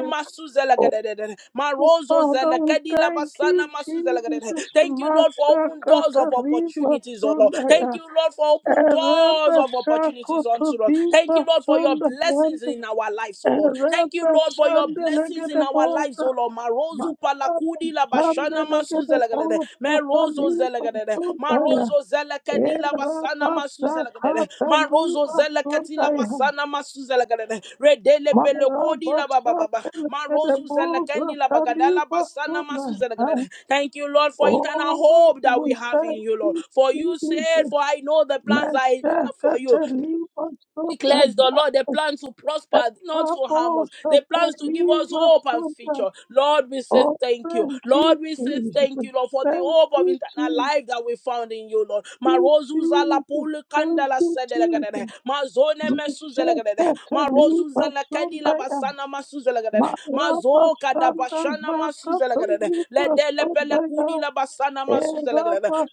[SPEAKER 2] Oh,
[SPEAKER 1] masuzelagadere. Marozo
[SPEAKER 2] Father, we
[SPEAKER 1] zelakadila
[SPEAKER 2] thank
[SPEAKER 1] basana
[SPEAKER 2] you,
[SPEAKER 1] masuzelagadere.
[SPEAKER 2] Jesus.
[SPEAKER 1] Thank you, Lord, for
[SPEAKER 2] Masha
[SPEAKER 1] open doors of
[SPEAKER 2] Kataliba
[SPEAKER 1] opportunities, oh Lord. Thank
[SPEAKER 2] Sondaya.
[SPEAKER 1] you, Lord, for open doors
[SPEAKER 2] Ereba
[SPEAKER 1] of opportunities unto us. Thank
[SPEAKER 2] Sakotodiba
[SPEAKER 1] you, Lord, for your blessings
[SPEAKER 2] Sondayande.
[SPEAKER 1] in our lives, oh Lord. Thank you,
[SPEAKER 2] Ereba
[SPEAKER 1] Lord, for your blessings things in our lives,
[SPEAKER 2] Sandelegedebosa.
[SPEAKER 1] O Lord. Marozu
[SPEAKER 2] Masha
[SPEAKER 1] palakudi la bashana masu zelegadede.
[SPEAKER 2] Sandelegedebosa
[SPEAKER 1] Merozo
[SPEAKER 2] Kataliba
[SPEAKER 1] zelegadede.
[SPEAKER 2] Sondaya.
[SPEAKER 1] Marozo zelekedi la
[SPEAKER 2] Oh,
[SPEAKER 1] basana masu zelegadede. Marozo zeleketi la basana masu zelegadede. Redele pelokodi la bababa. Marozu zelekendi la bagadala basana masu zelegadede. Thank you, Lord, for internal hope that we
[SPEAKER 2] we
[SPEAKER 1] have in
[SPEAKER 2] thank
[SPEAKER 1] you, Lord.
[SPEAKER 2] you,
[SPEAKER 1] For you said,
[SPEAKER 2] Jesus.
[SPEAKER 1] For I know the plans I have for you
[SPEAKER 2] Meshakataliba
[SPEAKER 1] declares the Lord, the
[SPEAKER 2] Sunday.
[SPEAKER 1] plans to prosper, not to harm
[SPEAKER 2] Rabo
[SPEAKER 1] us. The plans to give us
[SPEAKER 2] Sataliba
[SPEAKER 1] hope and
[SPEAKER 2] Sunday.
[SPEAKER 1] future. Lord, we say
[SPEAKER 2] Oh,
[SPEAKER 1] thank you.
[SPEAKER 2] thank
[SPEAKER 1] Lord,
[SPEAKER 2] you,
[SPEAKER 1] we say
[SPEAKER 2] Jesus.
[SPEAKER 1] thank you, Lord, for the
[SPEAKER 2] Thank
[SPEAKER 1] hope of
[SPEAKER 2] you,
[SPEAKER 1] eternal
[SPEAKER 2] Jesus.
[SPEAKER 1] life that we found in you, Lord.
[SPEAKER 2] Thank
[SPEAKER 1] Marozu zala
[SPEAKER 2] you, Jesus.
[SPEAKER 1] pulu
[SPEAKER 2] Thank
[SPEAKER 1] kandala
[SPEAKER 2] you, Jesus.
[SPEAKER 1] sedelegadede. Mazone mesu zelegadede. Marozu zala kadila
[SPEAKER 2] Mashetelibasundaya,
[SPEAKER 1] basana masu zelegadede. Mazo kada bashana masu zelegadede.
[SPEAKER 2] Marabashandayakatulibasundaya,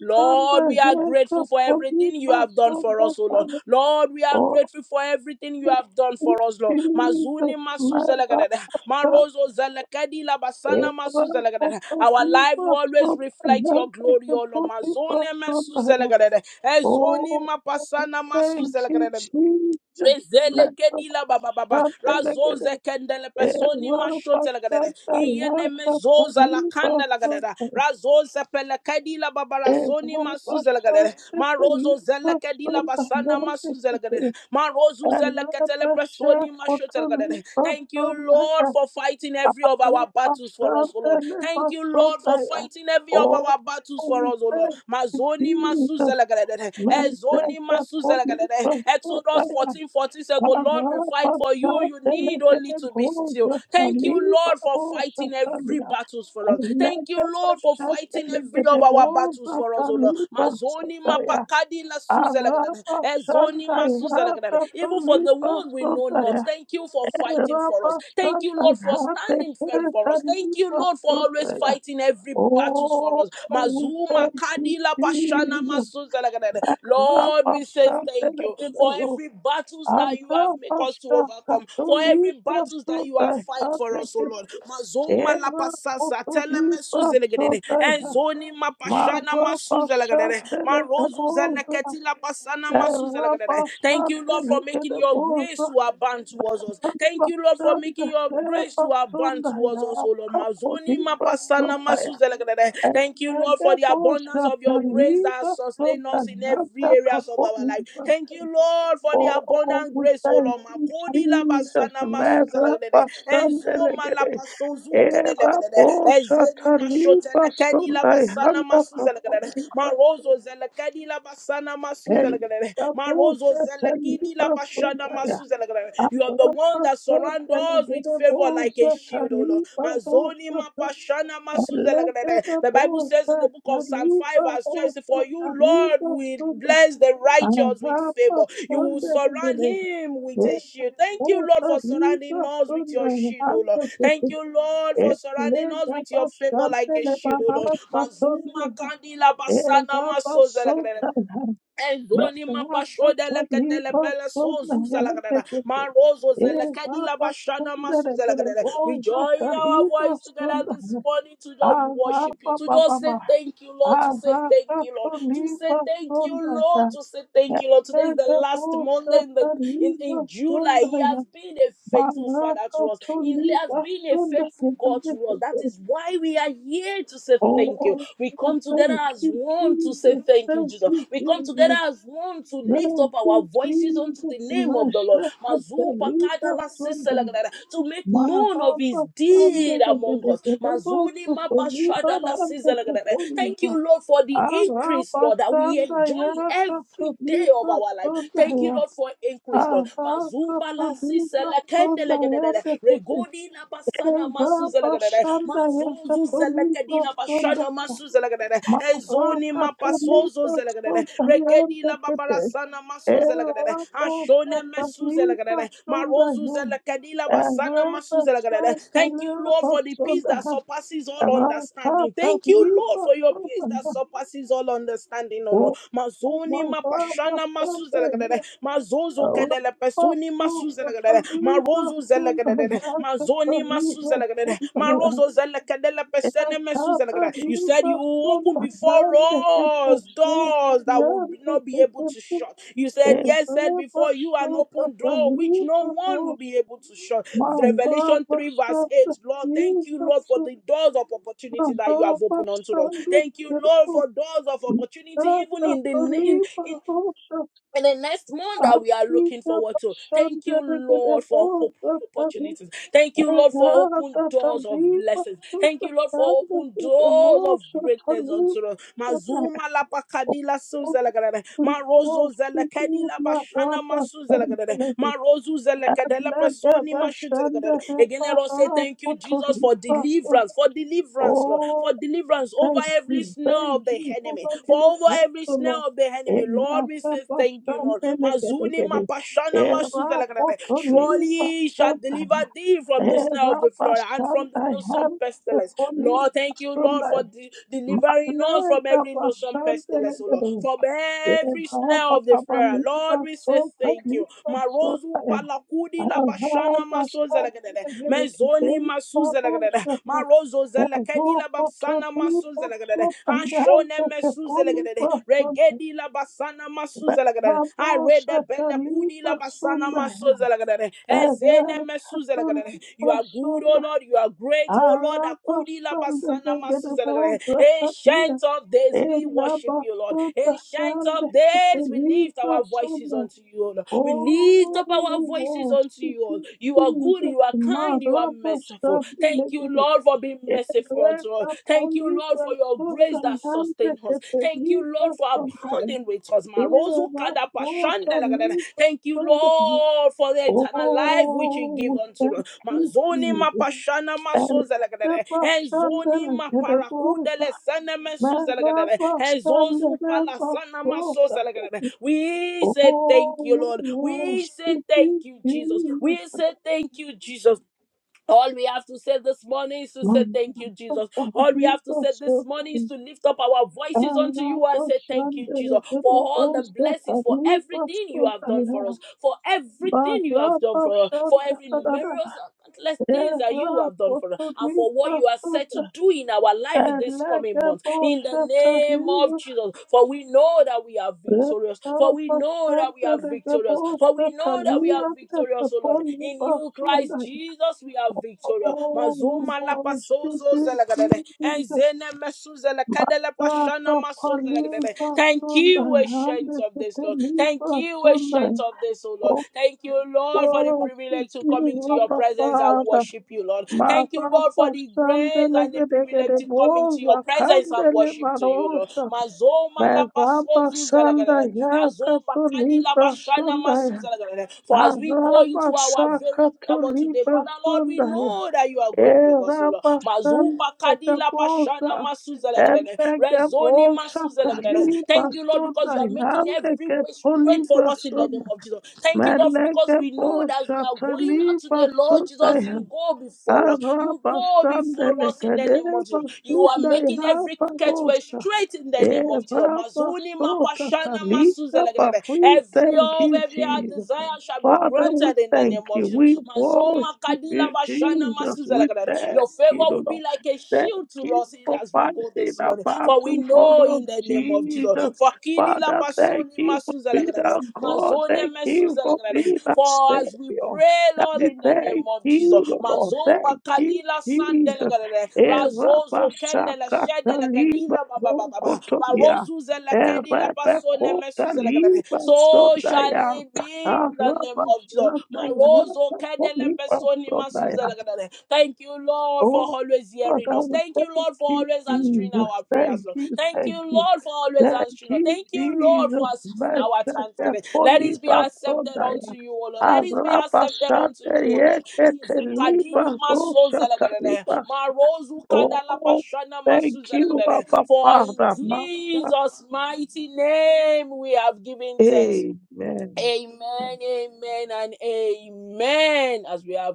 [SPEAKER 1] Lord, we are grateful for everything you have done for us, O Lord. Lord, we are
[SPEAKER 2] Oh,
[SPEAKER 1] grateful for everything you have done for us, Lord. Mazuni
[SPEAKER 2] Jesus,
[SPEAKER 1] masu zelegadada,
[SPEAKER 2] Marabasha,
[SPEAKER 1] marozo zelekedi labasana masu zelegadada. Our life will always reflect your glory, O Lord. Mazone masu
[SPEAKER 2] Erabashandayakatulibasundaya.
[SPEAKER 1] zelegadada, ezoni
[SPEAKER 2] Oh,
[SPEAKER 1] mapasana masu
[SPEAKER 2] thank you,
[SPEAKER 1] zelegadada.
[SPEAKER 2] Jesus.
[SPEAKER 1] Rezele kedila baba baba
[SPEAKER 2] Marabashandayakatulibasundaya.
[SPEAKER 1] razoze kendele
[SPEAKER 2] Oh,
[SPEAKER 1] pesoni mashote
[SPEAKER 2] we
[SPEAKER 1] lagadada iyene mezoza la kanda lagadada razoze pele kedila baba rasoni masuze lagadada marozo zele kedila basana masuze lagadada marozu zele ketele pesoni mashote lagadada thank you Lord for fighting every of our battles for us O Lord thank you Lord for fighting every of our battles for us O Lord
[SPEAKER 2] thank you,
[SPEAKER 1] mazoni masuze
[SPEAKER 2] Jesus. Mazaka poli
[SPEAKER 1] Exodus
[SPEAKER 2] basodaya.
[SPEAKER 1] 14 14 says, The Lord will
[SPEAKER 2] Ara
[SPEAKER 1] fight for
[SPEAKER 2] basha
[SPEAKER 1] you. You need only
[SPEAKER 2] delegate
[SPEAKER 1] to be still.
[SPEAKER 2] boza
[SPEAKER 1] Thank you,
[SPEAKER 2] saliba
[SPEAKER 1] Lord, for
[SPEAKER 2] bosa
[SPEAKER 1] fighting every
[SPEAKER 2] salia.
[SPEAKER 1] battles for
[SPEAKER 2] Oh,
[SPEAKER 1] us.
[SPEAKER 2] we
[SPEAKER 1] Thank you, Lord, for fighting every of our battles for us, O Lord. Mazoni mapakadi la suza lagadada. Ezoni masuza Even for the one we know not. Thank you for fighting for us. Thank you, Lord, for standing firm for us. Thank you, Lord, for always fighting every every battles for us. Mazuma
[SPEAKER 2] thank you,
[SPEAKER 1] kadila bashana
[SPEAKER 2] Jesus.
[SPEAKER 1] masuzalagadada. Lord, we say thank you for
[SPEAKER 2] Makrapashantelegedebo.
[SPEAKER 1] every battles that you have make us to overcome, for every battles that you have fight for us, oh
[SPEAKER 2] Antrapashakatolipasotaihatekete.
[SPEAKER 1] Lord. Mazoma la pasasa telemesuzalagadada.
[SPEAKER 2] Erakotolipasotaiha.
[SPEAKER 1] Enzoni mapashana masuzalagadada. Marozu
[SPEAKER 2] Mababashandelekaboza,
[SPEAKER 1] zeleketi la pasana masuzalagadada. Thank you, Lord, for making your
[SPEAKER 2] erabashandelekaboza,
[SPEAKER 1] grace to abound towards us. Thank you, Lord, for making your grace grace to abound towards
[SPEAKER 2] abashandelebasondaya,
[SPEAKER 1] us, O Lord. Mazoni mapasana
[SPEAKER 2] kakodibasondaya,
[SPEAKER 1] masuzelekedede. Thank you, Lord, for the abundance of your grace that sustain us in
[SPEAKER 2] ekedeboshatalibasondaya,
[SPEAKER 1] every areas of our life.
[SPEAKER 2] kapoliba.
[SPEAKER 1] Thank you, Lord, for the
[SPEAKER 2] Oh,
[SPEAKER 1] abundant
[SPEAKER 2] we
[SPEAKER 1] grace, O
[SPEAKER 2] thank
[SPEAKER 1] Lord.
[SPEAKER 2] you,
[SPEAKER 1] Makodi
[SPEAKER 2] Jesus.
[SPEAKER 1] labasana masuzelekedede. Enzo
[SPEAKER 2] Merabasandelegede,
[SPEAKER 1] malapasozukedelekedede. Ezeni mashotelekedi
[SPEAKER 2] eraboshatalibasondaya,
[SPEAKER 1] labasana masuzelekedede.
[SPEAKER 2] kapodiba.
[SPEAKER 1] Marozo zelekedi labasana
[SPEAKER 2] Thank
[SPEAKER 1] masuzelekedede. Marozo zelekidi labasha Mashana Masuzela. You are the one that surrounds us with favor like a shield, O Lord. Mazoni mapashana masuzelagadere. The Bible says in the book of Psalm 5, verse 12, say, For you, Lord, will bless the righteous with favor. You will surround him with a shield. Thank you, Lord, for surrounding us with your shield, O Lord. Thank you, Lord, for surrounding us with your favor like a shield, O Lord. Mazuma kandila basana Masozelagre.
[SPEAKER 2] you.
[SPEAKER 1] Ezoni
[SPEAKER 2] Oh, thank
[SPEAKER 1] mapashoda la kadela bela so zuza la kadela. Marozo zela kadila bashana masu zela kadela. We join our voice together this morning to just worship you, to just say thank you, Lord, to say thank you, Lord, to say thank you, Lord, to say thank you, Lord. Today is the last Monday in the in, in July. He has been a faithful father to us. He has been a faithful God to us. That is why we are here to say thank you you. We come together as
[SPEAKER 2] you,
[SPEAKER 1] one to say
[SPEAKER 2] Jesus.
[SPEAKER 1] thank you,
[SPEAKER 2] Thank
[SPEAKER 1] Jesus.
[SPEAKER 2] you,
[SPEAKER 1] We come
[SPEAKER 2] Jesus.
[SPEAKER 1] together as one to lift
[SPEAKER 2] Thank
[SPEAKER 1] up our
[SPEAKER 2] you,
[SPEAKER 1] voices unto
[SPEAKER 2] Jesus.
[SPEAKER 1] the name of the Lord. Mazu
[SPEAKER 2] Mashakatalipa
[SPEAKER 1] pakadala
[SPEAKER 2] sundala.
[SPEAKER 1] siselagadada, To make known of
[SPEAKER 2] Maraba
[SPEAKER 1] his deed
[SPEAKER 2] sandala
[SPEAKER 1] among us.
[SPEAKER 2] gedegedebo
[SPEAKER 1] Mazuni
[SPEAKER 2] sotoliba
[SPEAKER 1] mabashadala
[SPEAKER 2] rande
[SPEAKER 1] siselagadada. Thank
[SPEAKER 2] sekoliba.
[SPEAKER 1] you, Lord, for the increase,
[SPEAKER 2] Araba
[SPEAKER 1] Lord, that we enjoy
[SPEAKER 2] sandaya
[SPEAKER 1] in every day of
[SPEAKER 2] katoliba
[SPEAKER 1] our life. Thank you,
[SPEAKER 2] sundaya.
[SPEAKER 1] Lord, for increase, Lord.
[SPEAKER 2] Araka
[SPEAKER 1] Mazupa la
[SPEAKER 2] toliba sundaya
[SPEAKER 1] siselakendelegedede.
[SPEAKER 2] dekete.
[SPEAKER 1] Regodi la basana
[SPEAKER 2] Ezaba
[SPEAKER 1] masuzelagadere
[SPEAKER 2] sandaya
[SPEAKER 1] mazuzu
[SPEAKER 2] katoliba
[SPEAKER 1] zelekadina bashana
[SPEAKER 2] sundaya.
[SPEAKER 1] masuzelagadere ezoni
[SPEAKER 2] Maraka
[SPEAKER 1] mapasozo
[SPEAKER 2] toliba
[SPEAKER 1] zelagadere
[SPEAKER 2] sundaya
[SPEAKER 1] regedila
[SPEAKER 2] dekete.
[SPEAKER 1] babarasana masozelagadere
[SPEAKER 2] Era posa
[SPEAKER 1] ashone
[SPEAKER 2] talipa
[SPEAKER 1] mesuzelagadere marozu
[SPEAKER 2] sondaha.
[SPEAKER 1] zelekadila basana
[SPEAKER 2] Era
[SPEAKER 1] masuzelagadere
[SPEAKER 2] posa
[SPEAKER 1] thank you lord
[SPEAKER 2] talipa
[SPEAKER 1] for the peace that
[SPEAKER 2] sondaha.
[SPEAKER 1] surpasses all
[SPEAKER 2] Raka
[SPEAKER 1] understanding thank you lord
[SPEAKER 2] talipa
[SPEAKER 1] for your peace that
[SPEAKER 2] sondaha.
[SPEAKER 1] surpasses all understanding oh lord
[SPEAKER 2] O
[SPEAKER 1] mazoni mapashana masuzelagadere mazozo
[SPEAKER 2] Thank
[SPEAKER 1] kedele pesuni mas masu zalagadere, ma rozo zalagadere, ma zoni masu zalagadere, ma rozo zalakadela pesene mesu zalagadere. You said you open before us doors that will not be able to
[SPEAKER 2] you.
[SPEAKER 1] shut. You said,
[SPEAKER 2] Thank
[SPEAKER 1] Yes, said before you an open door which no one will be able to shut. Revelation 3, verse 8. Lord, thank you, Lord, for the doors of opportunity that you have opened unto us. Thank you, Lord, for doors of opportunity, even in the name in the next month that we are looking forward to. Thank you, Lord, for hope. Opportunities. Thank you, Lord, for open doors of blessings. Thank you, Lord, for open doors of greatness unto us. Mazuma la pakadila suzelagadada. Marozo zelekadila bashana masuzelagadada.
[SPEAKER 2] you.
[SPEAKER 1] Marozu zelekadela personi
[SPEAKER 2] Aglagabashanda
[SPEAKER 1] mashutelagadada. Again, let us
[SPEAKER 2] Rebaha
[SPEAKER 1] say thank you, Jesus, for
[SPEAKER 2] Potolipaso.
[SPEAKER 1] deliverance, for deliverance, Lord, for
[SPEAKER 2] Oh,
[SPEAKER 1] deliverance over
[SPEAKER 2] thank
[SPEAKER 1] every
[SPEAKER 2] you,
[SPEAKER 1] snare
[SPEAKER 2] thank
[SPEAKER 1] of the
[SPEAKER 2] you for
[SPEAKER 1] enemy,
[SPEAKER 2] what
[SPEAKER 1] for
[SPEAKER 2] you
[SPEAKER 1] over
[SPEAKER 2] have
[SPEAKER 1] every
[SPEAKER 2] so long.
[SPEAKER 1] snare of the enemy. Lord, we say thank you, Lord.
[SPEAKER 2] Elagabashande
[SPEAKER 1] Mazuni
[SPEAKER 2] Legedegede.
[SPEAKER 1] mapashana
[SPEAKER 2] Era
[SPEAKER 1] masuzalakadada. Surely he shall
[SPEAKER 2] Potolipaso.
[SPEAKER 1] deliver thee from the snare of
[SPEAKER 2] Era
[SPEAKER 1] the flood and from the
[SPEAKER 2] Bashanda
[SPEAKER 1] noisome
[SPEAKER 2] Hande
[SPEAKER 1] pestilence. Lord, thank you,
[SPEAKER 2] Potolipaso.
[SPEAKER 1] Lord, for de- delivering us from every noisome
[SPEAKER 2] Malagabashande
[SPEAKER 1] pestilence, O Lord,
[SPEAKER 2] Legede.
[SPEAKER 1] from every
[SPEAKER 2] Era
[SPEAKER 1] snare of the
[SPEAKER 2] Papa
[SPEAKER 1] flood. Lord,
[SPEAKER 2] Lipa
[SPEAKER 1] we say
[SPEAKER 2] Sota
[SPEAKER 1] thank you. Marozu
[SPEAKER 2] Lipa
[SPEAKER 1] palakudi
[SPEAKER 2] Ela
[SPEAKER 1] la bashana masuzalakadada. Mezoni masuzalakadada. Marozo zelekedi la babsana masuzelegadede. Ashone mesuzelegadede. Regedi la basana Masuzelegade, I read the bele kudi la basana masuzelegadede. Ezene mesuzelegadede. You are good, O
[SPEAKER 2] basunda,
[SPEAKER 1] Lord. You are great, O Lord.
[SPEAKER 2] ela
[SPEAKER 1] Akudi la basana masuzelegadede. Ancient of days, we worship you, Lord. Ancient of days, we lift our voices
[SPEAKER 2] basunda,
[SPEAKER 1] unto you, O Lord. We lift
[SPEAKER 2] Oh,
[SPEAKER 1] up our voices
[SPEAKER 2] oh,
[SPEAKER 1] unto you, O Lord. You are good,
[SPEAKER 2] Jesus,
[SPEAKER 1] you are kind, you are merciful.
[SPEAKER 2] Marabashabele,
[SPEAKER 1] Thank you, Lord, for for being merciful unto us.
[SPEAKER 2] Evreka
[SPEAKER 1] Thank you, Lord,
[SPEAKER 2] Poliba
[SPEAKER 1] for your grace that
[SPEAKER 2] Sondayante,
[SPEAKER 1] sustains us. Thank you, Lord,
[SPEAKER 2] Keteriba
[SPEAKER 1] for
[SPEAKER 2] Sondaya,
[SPEAKER 1] abounding with us. Marozu
[SPEAKER 2] Eva
[SPEAKER 1] kada pashanda
[SPEAKER 2] Kota
[SPEAKER 1] lagadada.
[SPEAKER 2] Liba
[SPEAKER 1] Thank you,
[SPEAKER 2] Sondaya.
[SPEAKER 1] Lord, for the eternal life which you give
[SPEAKER 2] Oh,
[SPEAKER 1] unto
[SPEAKER 2] thank
[SPEAKER 1] us.
[SPEAKER 2] you,
[SPEAKER 1] Mazoni
[SPEAKER 2] Jesus.
[SPEAKER 1] mapashana masoza lagadada.
[SPEAKER 2] Ereba
[SPEAKER 1] Enzoni
[SPEAKER 2] Shandele,
[SPEAKER 1] maparakude
[SPEAKER 2] Kerebosa,
[SPEAKER 1] lesene mesuza lagadada.
[SPEAKER 2] Maraba
[SPEAKER 1] Enzozu
[SPEAKER 2] Shandele,
[SPEAKER 1] palasana
[SPEAKER 2] Basota.
[SPEAKER 1] masoza lagadada. We say
[SPEAKER 2] Oh,
[SPEAKER 1] thank you,
[SPEAKER 2] we
[SPEAKER 1] Lord. We say
[SPEAKER 2] worship
[SPEAKER 1] thank
[SPEAKER 2] you,
[SPEAKER 1] you, Jesus.
[SPEAKER 2] Jesus.
[SPEAKER 1] We say thank you, Jesus. All we have to say this morning is to
[SPEAKER 2] Oh,
[SPEAKER 1] say thank you, Jesus. All we
[SPEAKER 2] we
[SPEAKER 1] have to say this morning is to lift up our voices unto you and say thank you, Jesus, for all the blessings, for everything you have done for us, for everything you have done for us, for every numerous and countless things that you have done for us, and for what you are set to do in our life this coming month. In the name of Jesus, for we know that we are victorious, for we know that we are victorious, for we know that we are are victorious, O Lord. In you, Christ Jesus, we are victorious. Mazuma la
[SPEAKER 2] worship
[SPEAKER 1] pasozo
[SPEAKER 2] you,
[SPEAKER 1] zelagadede.
[SPEAKER 2] Jesus.
[SPEAKER 1] Enzene mesu zelekadele
[SPEAKER 2] Rata
[SPEAKER 1] pashana maso zelagadede.
[SPEAKER 2] paliza
[SPEAKER 1] Thank you,
[SPEAKER 2] Sunday,
[SPEAKER 1] ancient
[SPEAKER 2] hande
[SPEAKER 1] of this, Lord. Thank
[SPEAKER 2] keteliza
[SPEAKER 1] you,
[SPEAKER 2] Sunday.
[SPEAKER 1] ancient of this, O Lord. Thank you, Lord, for the
[SPEAKER 2] Okwa
[SPEAKER 1] privilege to come
[SPEAKER 2] sikiri
[SPEAKER 1] into your
[SPEAKER 2] hapa
[SPEAKER 1] presence and
[SPEAKER 2] pada.
[SPEAKER 1] worship you, Lord. Thank you, Lord,
[SPEAKER 2] Maranda
[SPEAKER 1] for the grace
[SPEAKER 2] sandele
[SPEAKER 1] and the
[SPEAKER 2] gede
[SPEAKER 1] privilege
[SPEAKER 2] gede
[SPEAKER 1] to come into your
[SPEAKER 2] boza
[SPEAKER 1] presence and
[SPEAKER 2] kandele
[SPEAKER 1] worship to you, Lord.
[SPEAKER 2] marosa.
[SPEAKER 1] Mazoma la
[SPEAKER 2] Meraba
[SPEAKER 1] pasozo
[SPEAKER 2] sanda
[SPEAKER 1] zelagadede.
[SPEAKER 2] yaka tuliba Sunday.
[SPEAKER 1] For as we go
[SPEAKER 2] Araba
[SPEAKER 1] into our very
[SPEAKER 2] saka
[SPEAKER 1] hour today,
[SPEAKER 2] tuliba
[SPEAKER 1] Father Lord, we
[SPEAKER 2] Sunday.
[SPEAKER 1] know that you are going with us, O Lord.
[SPEAKER 2] Erabastante
[SPEAKER 1] Mazupa kadi labashana
[SPEAKER 2] caposa,
[SPEAKER 1] masuzalagada.
[SPEAKER 2] ente
[SPEAKER 1] Rezoni
[SPEAKER 2] caposa,
[SPEAKER 1] masuzalagada.
[SPEAKER 2] caliba
[SPEAKER 1] Thank you, Lord, because
[SPEAKER 2] sonda,
[SPEAKER 1] you are making
[SPEAKER 2] ante
[SPEAKER 1] every
[SPEAKER 2] que
[SPEAKER 1] way straight for
[SPEAKER 2] poliba
[SPEAKER 1] us in the name
[SPEAKER 2] sonda,
[SPEAKER 1] of Jesus. Thank you, Lord,
[SPEAKER 2] mele
[SPEAKER 1] because we know that as we
[SPEAKER 2] caposa,
[SPEAKER 1] are going out
[SPEAKER 2] caliba
[SPEAKER 1] today, Lord Jesus.
[SPEAKER 2] sonda,
[SPEAKER 1] You go before us. You go
[SPEAKER 2] arabastante
[SPEAKER 1] before
[SPEAKER 2] le
[SPEAKER 1] us in the name of
[SPEAKER 2] caleba
[SPEAKER 1] Jesus. You are
[SPEAKER 2] sonda,
[SPEAKER 1] making every crooked way
[SPEAKER 2] irababosa.
[SPEAKER 1] straight in the name of Jesus. Mazuni
[SPEAKER 2] Erabasota
[SPEAKER 1] mapashana
[SPEAKER 2] talita ba.
[SPEAKER 1] masuzelegedede.
[SPEAKER 2] We
[SPEAKER 1] Every
[SPEAKER 2] thank
[SPEAKER 1] of
[SPEAKER 2] you,
[SPEAKER 1] every heart
[SPEAKER 2] Jesus.
[SPEAKER 1] desire shall be
[SPEAKER 2] Father, we
[SPEAKER 1] granted in the name
[SPEAKER 2] thank
[SPEAKER 1] of
[SPEAKER 2] you. We
[SPEAKER 1] Jesus.
[SPEAKER 2] worship
[SPEAKER 1] Mazoma kadila
[SPEAKER 2] you,
[SPEAKER 1] bashana
[SPEAKER 2] Jesus. We
[SPEAKER 1] masuzelegedede.
[SPEAKER 2] thank
[SPEAKER 1] Your
[SPEAKER 2] you,
[SPEAKER 1] favor will be
[SPEAKER 2] Lord.
[SPEAKER 1] like a
[SPEAKER 2] Thank
[SPEAKER 1] shield to
[SPEAKER 2] you
[SPEAKER 1] us
[SPEAKER 2] for
[SPEAKER 1] as we
[SPEAKER 2] fighting
[SPEAKER 1] go
[SPEAKER 2] the
[SPEAKER 1] this morning. For we
[SPEAKER 2] battle
[SPEAKER 1] know
[SPEAKER 2] for us,
[SPEAKER 1] in the name of Jesus.
[SPEAKER 2] Jesus.
[SPEAKER 1] For kidila
[SPEAKER 2] Father, thank
[SPEAKER 1] basoni
[SPEAKER 2] you for being
[SPEAKER 1] masuzelegedede.
[SPEAKER 2] our God.
[SPEAKER 1] Mazone
[SPEAKER 2] Thank you for
[SPEAKER 1] mesuzelegedede.
[SPEAKER 2] being our
[SPEAKER 1] For as we
[SPEAKER 2] Savior.
[SPEAKER 1] pray, Lord,
[SPEAKER 2] Daddy,
[SPEAKER 1] in the name
[SPEAKER 2] thank
[SPEAKER 1] of Jesus.
[SPEAKER 2] you, Lord.
[SPEAKER 1] Mazopa
[SPEAKER 2] Thank you,
[SPEAKER 1] kadila
[SPEAKER 2] Jesus.
[SPEAKER 1] sandelegre
[SPEAKER 2] Eva
[SPEAKER 1] razozo kendele shedele kedila ba ba ba ba ba ba
[SPEAKER 2] Kotoria,
[SPEAKER 1] zele kedila basone mesu
[SPEAKER 2] Erebekota
[SPEAKER 1] zele kedele.
[SPEAKER 2] Liba
[SPEAKER 1] so shall
[SPEAKER 2] Sondaya,
[SPEAKER 1] it be in the name
[SPEAKER 2] Araba
[SPEAKER 1] of Jesus
[SPEAKER 2] Sondaya,
[SPEAKER 1] marozo
[SPEAKER 2] Araba
[SPEAKER 1] kedele
[SPEAKER 2] Liba
[SPEAKER 1] pesoni masu
[SPEAKER 2] Sondaya.
[SPEAKER 1] zele kedele. thank you Lord for
[SPEAKER 2] Oh,
[SPEAKER 1] always
[SPEAKER 2] God,
[SPEAKER 1] hearing
[SPEAKER 2] I
[SPEAKER 1] us
[SPEAKER 2] would
[SPEAKER 1] thank you
[SPEAKER 2] thank
[SPEAKER 1] Lord for
[SPEAKER 2] you,
[SPEAKER 1] always answering
[SPEAKER 2] Jesus.
[SPEAKER 1] our prayers
[SPEAKER 2] Thank
[SPEAKER 1] Lord
[SPEAKER 2] you,
[SPEAKER 1] thank
[SPEAKER 2] thank
[SPEAKER 1] you
[SPEAKER 2] you.
[SPEAKER 1] Lord for always
[SPEAKER 2] Thank
[SPEAKER 1] answering us
[SPEAKER 2] you,
[SPEAKER 1] thank you Lord for
[SPEAKER 2] Jesus.
[SPEAKER 1] accepting our
[SPEAKER 2] Meshete
[SPEAKER 1] thanksgiving let it be
[SPEAKER 2] Poliba
[SPEAKER 1] accepted
[SPEAKER 2] Sondaya,
[SPEAKER 1] unto you O Lord let it be
[SPEAKER 2] Araba
[SPEAKER 1] accepted unto you O Lord
[SPEAKER 2] Sondaya, Ekete
[SPEAKER 1] Izakadini
[SPEAKER 2] Liba Roshata
[SPEAKER 1] masozalagadere,
[SPEAKER 2] Liba. Oh,
[SPEAKER 1] marozukadalapashana
[SPEAKER 2] thank you,
[SPEAKER 1] masuzalagadere.
[SPEAKER 2] Abba
[SPEAKER 1] For in
[SPEAKER 2] Father.
[SPEAKER 1] Jesus' mighty name we have given thanks.
[SPEAKER 2] Amen.
[SPEAKER 1] Amen, amen, and amen. As we have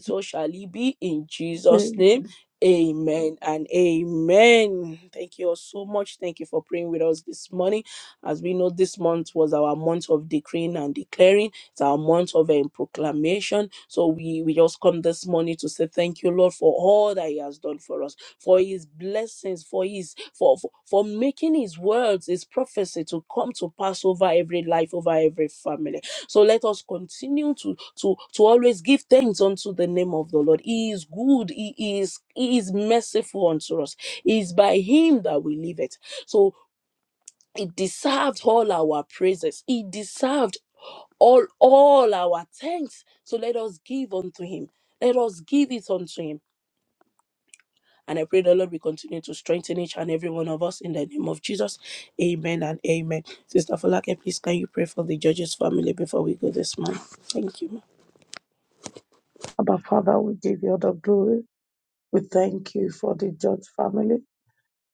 [SPEAKER 1] so shall it be in Jesus'
[SPEAKER 2] Amen.
[SPEAKER 1] name. Amen and amen. Thank you all so much. Thank you for praying with us this morning. As we know, this month was our month of decreeing and declaring. It's our month of um, proclamation. So we, we just come this morning to say thank you, Lord, for all that He has done for us, for His blessings, for His for for, for making His words, His prophecy to come to pass over every life, over every family. So let us continue to to to always give thanks unto the name of the Lord. He is good. He is he is merciful unto us. It is by Him that we live it. So it deserved all our praises. It deserved all all our thanks. So let us give unto Him. Let us give it unto Him. And I pray the Lord will continue to strengthen each and every one of us in the name of Jesus. Amen and amen. Sister Falake, please can you pray for the judge's family before we go this morning? Thank you. ma'am.
[SPEAKER 2] Abba Father, we give you all the glory. We thank you for the George family.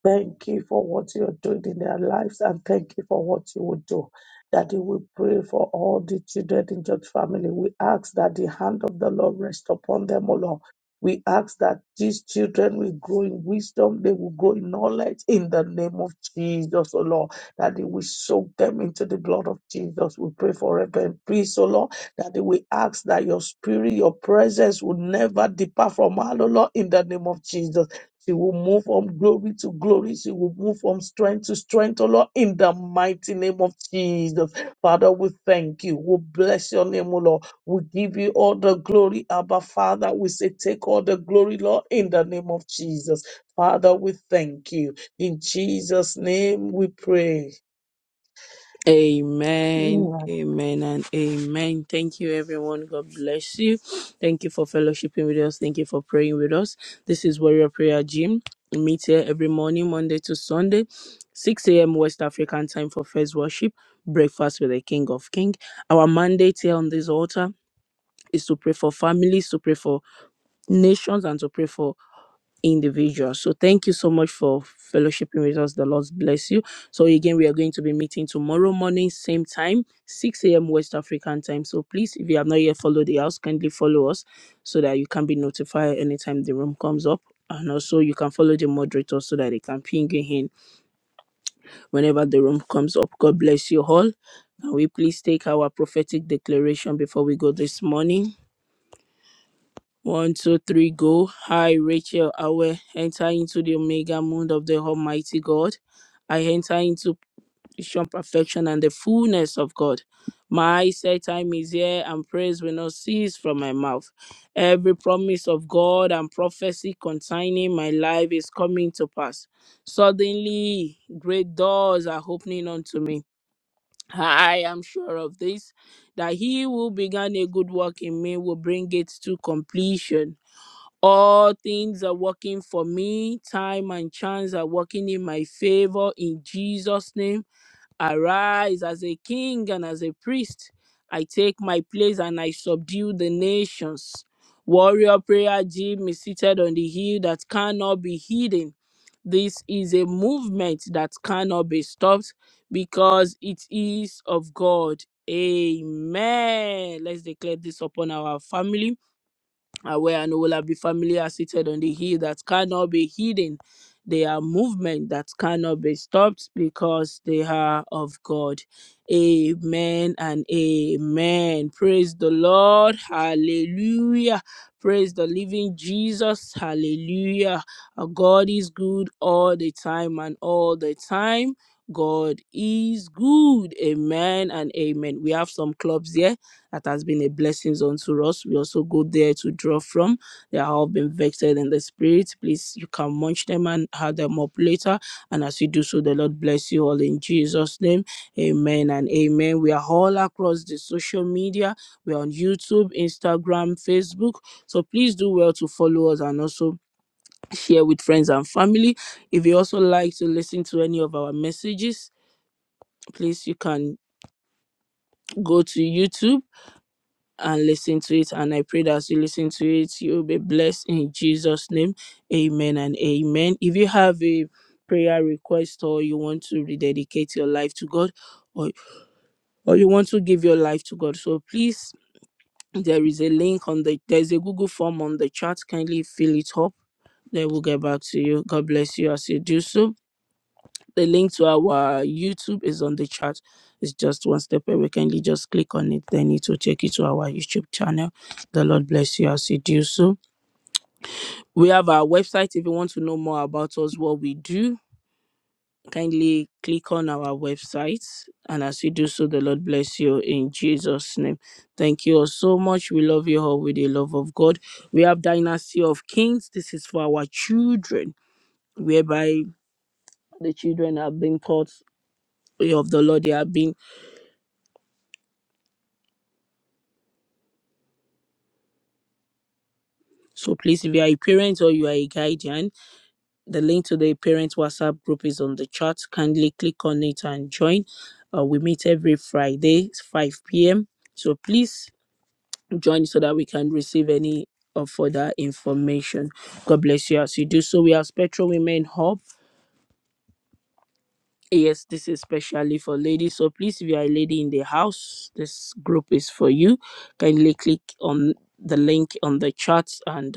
[SPEAKER 2] Thank you for what you're doing in their lives and thank you for what you will do. Daddy, we pray for all the children in George family. We ask that the hand of the Lord rest upon them, O Lord. We ask that these children will grow in wisdom, they will grow in knowledge in the name of Jesus, O Lord. That they will soak them into the blood of Jesus. We pray for Reverend Peace, O Lord. That we ask that your spirit, your presence will never depart from our O Lord in the name of Jesus she will move from glory to glory. She will move from strength to strength, oh Lord, in the mighty name of Jesus. Father, we thank you. We bless your name, oh Lord. We give you all the glory, Abba Father. We say, take all the glory, Lord, in the name of Jesus. Father, we thank you. In Jesus' name we pray.
[SPEAKER 1] Amen, amen, and amen. Thank you, everyone. God bless you. Thank you for fellowshipping with us. Thank you for praying with us. This is Warrior Prayer Gym. We meet here every morning, Monday to Sunday, 6 a.m. West African time for first worship, breakfast with the King of Kings. Our mandate here on this altar is to pray for families, to pray for nations, and to pray for individual. So thank you so much for fellowshipping with us. The Lord bless you. So again, we are going to be meeting tomorrow morning, same time, 6 a.m. West African time. So please, if you have not yet followed the house, kindly follow us so that you can be notified anytime the room comes up. And also, you can follow the moderator so that they can ping you in whenever the room comes up. God bless you all. Can we please take our prophetic declaration before we go this morning? One, two, three, go. Hi, Rachel. I will enter into the omega moon of the Almighty God. I enter into Christian perfection and the fullness of God. My set time is here, and praise will not cease from my mouth. Every promise of God and prophecy concerning my life is coming to pass. Suddenly, great doors are opening unto me. I am sure of this that he who began a good work in me will bring it to completion. All things are working for me. Time and chance are working in my favor. In Jesus' name, arise as a king and as a priest. I take my place and I subdue the nations. Warrior prayer gym is seated on the hill that cannot be hidden. This is a movement that cannot be stopped because it is of God. Amen. Let's declare this upon our family uh, where and will be family are seated on the hill that cannot be hidden. They are movement that cannot be stopped because they are of God. Amen and amen. Praise the Lord. Hallelujah. Praise the living Jesus. Hallelujah. Our God is good all the time and all the time. God is good. Amen and amen. We have some clubs here that has been a blessing unto us. We also go there to draw from. They have all been vexed in the spirit. Please, you can munch them and have them up later. And as you do so, the Lord bless you all in Jesus' name. Amen and amen. We are all across the social media. We are on YouTube, Instagram, Facebook. So please do well to follow us and also share with friends and family. If you also like to listen to any of our messages, please you can go to YouTube and listen to it. And I pray that as you listen to it, you'll be blessed in Jesus' name. Amen and amen. If you have a prayer request or you want to rededicate your life to God or, or you want to give your life to God, so please, there is a link on the, there's a Google form on the chat. Kindly fill it up. Then we'll get back to you. God bless you as you do so. The link to our YouTube is on the chat. It's just one step away. Kindly just click on it, then it will take you to our YouTube channel. The Lord bless you as you do so. We have our website. If you want to know more about us, what we do, kindly click on our website. And as you do so, the Lord bless you in Jesus' name. Thank you all so much. We love you all with the love of God. We have Dynasty of Kings. This is for our children, whereby the children are being taught way of the Lord. They are being So please, if you are a parent or you are a guardian, the link to the parent WhatsApp group is on the chat. Kindly click on it and join. Uh, we meet every Friday, it's 5 p.m. So please join so that we can receive any uh, further information. God bless you as you do so. We are Spectral Women Hub. Yes, this is especially for ladies. So please, if you are a lady in the house, this group is for you. Kindly click on the link on the chat and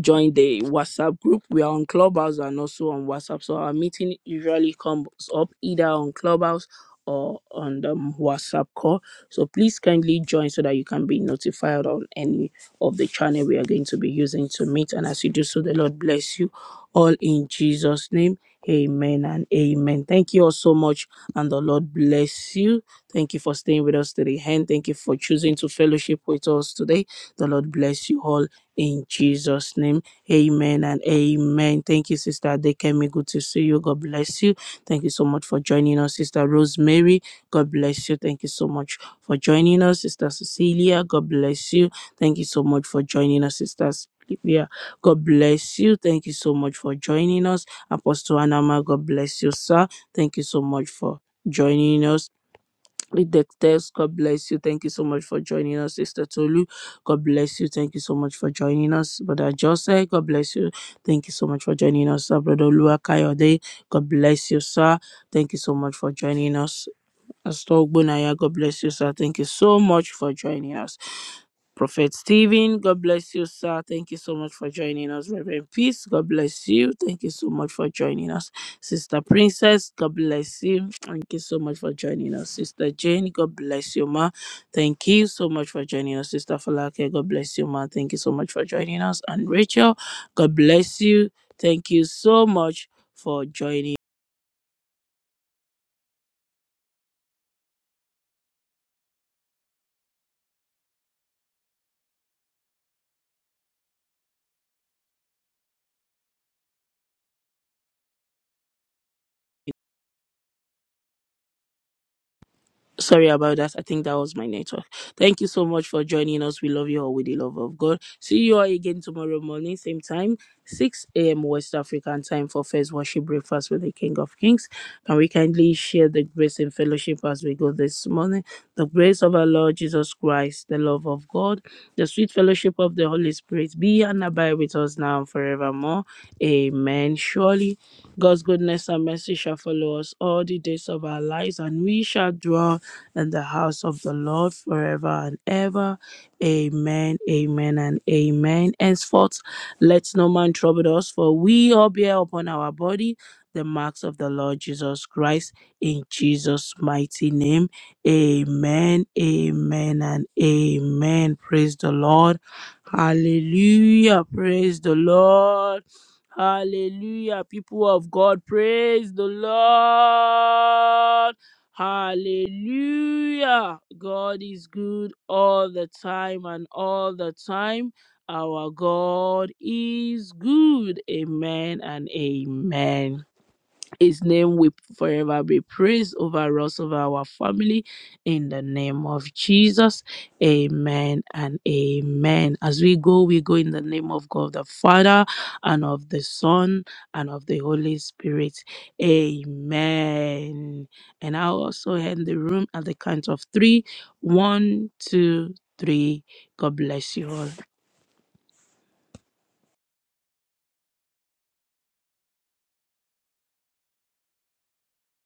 [SPEAKER 1] join the WhatsApp group. We are on Clubhouse and also on WhatsApp. So our meeting usually comes up either on Clubhouse or on the WhatsApp call. So please kindly join so that you can be notified on any of the channel we are going to be using to meet. And as you do so, the Lord bless you all in Jesus' name. Amen and amen. Thank you all so much, and the Lord bless you. Thank you for staying with us to the end. Thank you for choosing to fellowship with us today. The Lord bless you all in Jesus' name. Amen and amen. Thank you, Sister Adekemi. Good to see you. God bless you. Thank you so much for joining us, Sister Rosemary. God bless you. Thank you so much for joining us, Sister Cecilia. God bless you. Thank you so much for joining us, Sister Sylvia. God bless you. Thank you so much for joining us. Apostle Anama, God bless you, sir. Thank you so much for joining us. With the test, God bless you. Thank you so much for joining us, Sister Tolu. God bless you. Thank you so much for joining us, Brother Jose. God bless you. Thank you so much for joining us, sir. Brother Lua Kayode. God bless you, sir. Thank you so much for joining us. Pastor Ogbonaya, God bless you, sir. Thank you so much for joining us. Prophet Stephen, God bless you, sir. Thank you so much for joining us. Reverend Peace, God bless you. Thank you so much for joining us. Sister Princess, God bless you. Thank you so much for joining us. Sister Jane, God bless you, ma. Thank you so much for joining us. Sister Falake, God bless you, ma. Thank you so much for joining us. And Rachel, God bless you. Thank you so much for joining. Sorry about that. I think that was my network. Thank you so much for joining us. We love you all with the love of God. See you all again tomorrow morning, same time, 6 a.m. West African time for first worship breakfast with the King of Kings. Can we kindly share the grace and fellowship as we go this morning? The grace of our Lord Jesus Christ, the love of God, the sweet fellowship of the Holy Spirit be and abide with us now and forevermore. Amen. Surely. God's goodness and mercy shall follow us all the days of our lives, and we shall dwell in the house of the Lord forever and ever. Amen, amen, and amen. Henceforth, let no man trouble us, for we all bear upon our body the marks of the Lord Jesus Christ. In Jesus' mighty name, amen, amen, and amen. Praise the Lord. Hallelujah. Praise the Lord. Hallelujah. People of God, praise the Lord. Hallelujah. God is good all the time and all the time. Our God is good. Amen and amen. His name will forever be praised over us, over our family, in the name of Jesus. Amen and amen. As we go, we go in the name of God the Father, and of the Son, and of the Holy Spirit. Amen. And I'll also end the room at the count of three. One, two, three. God bless you all.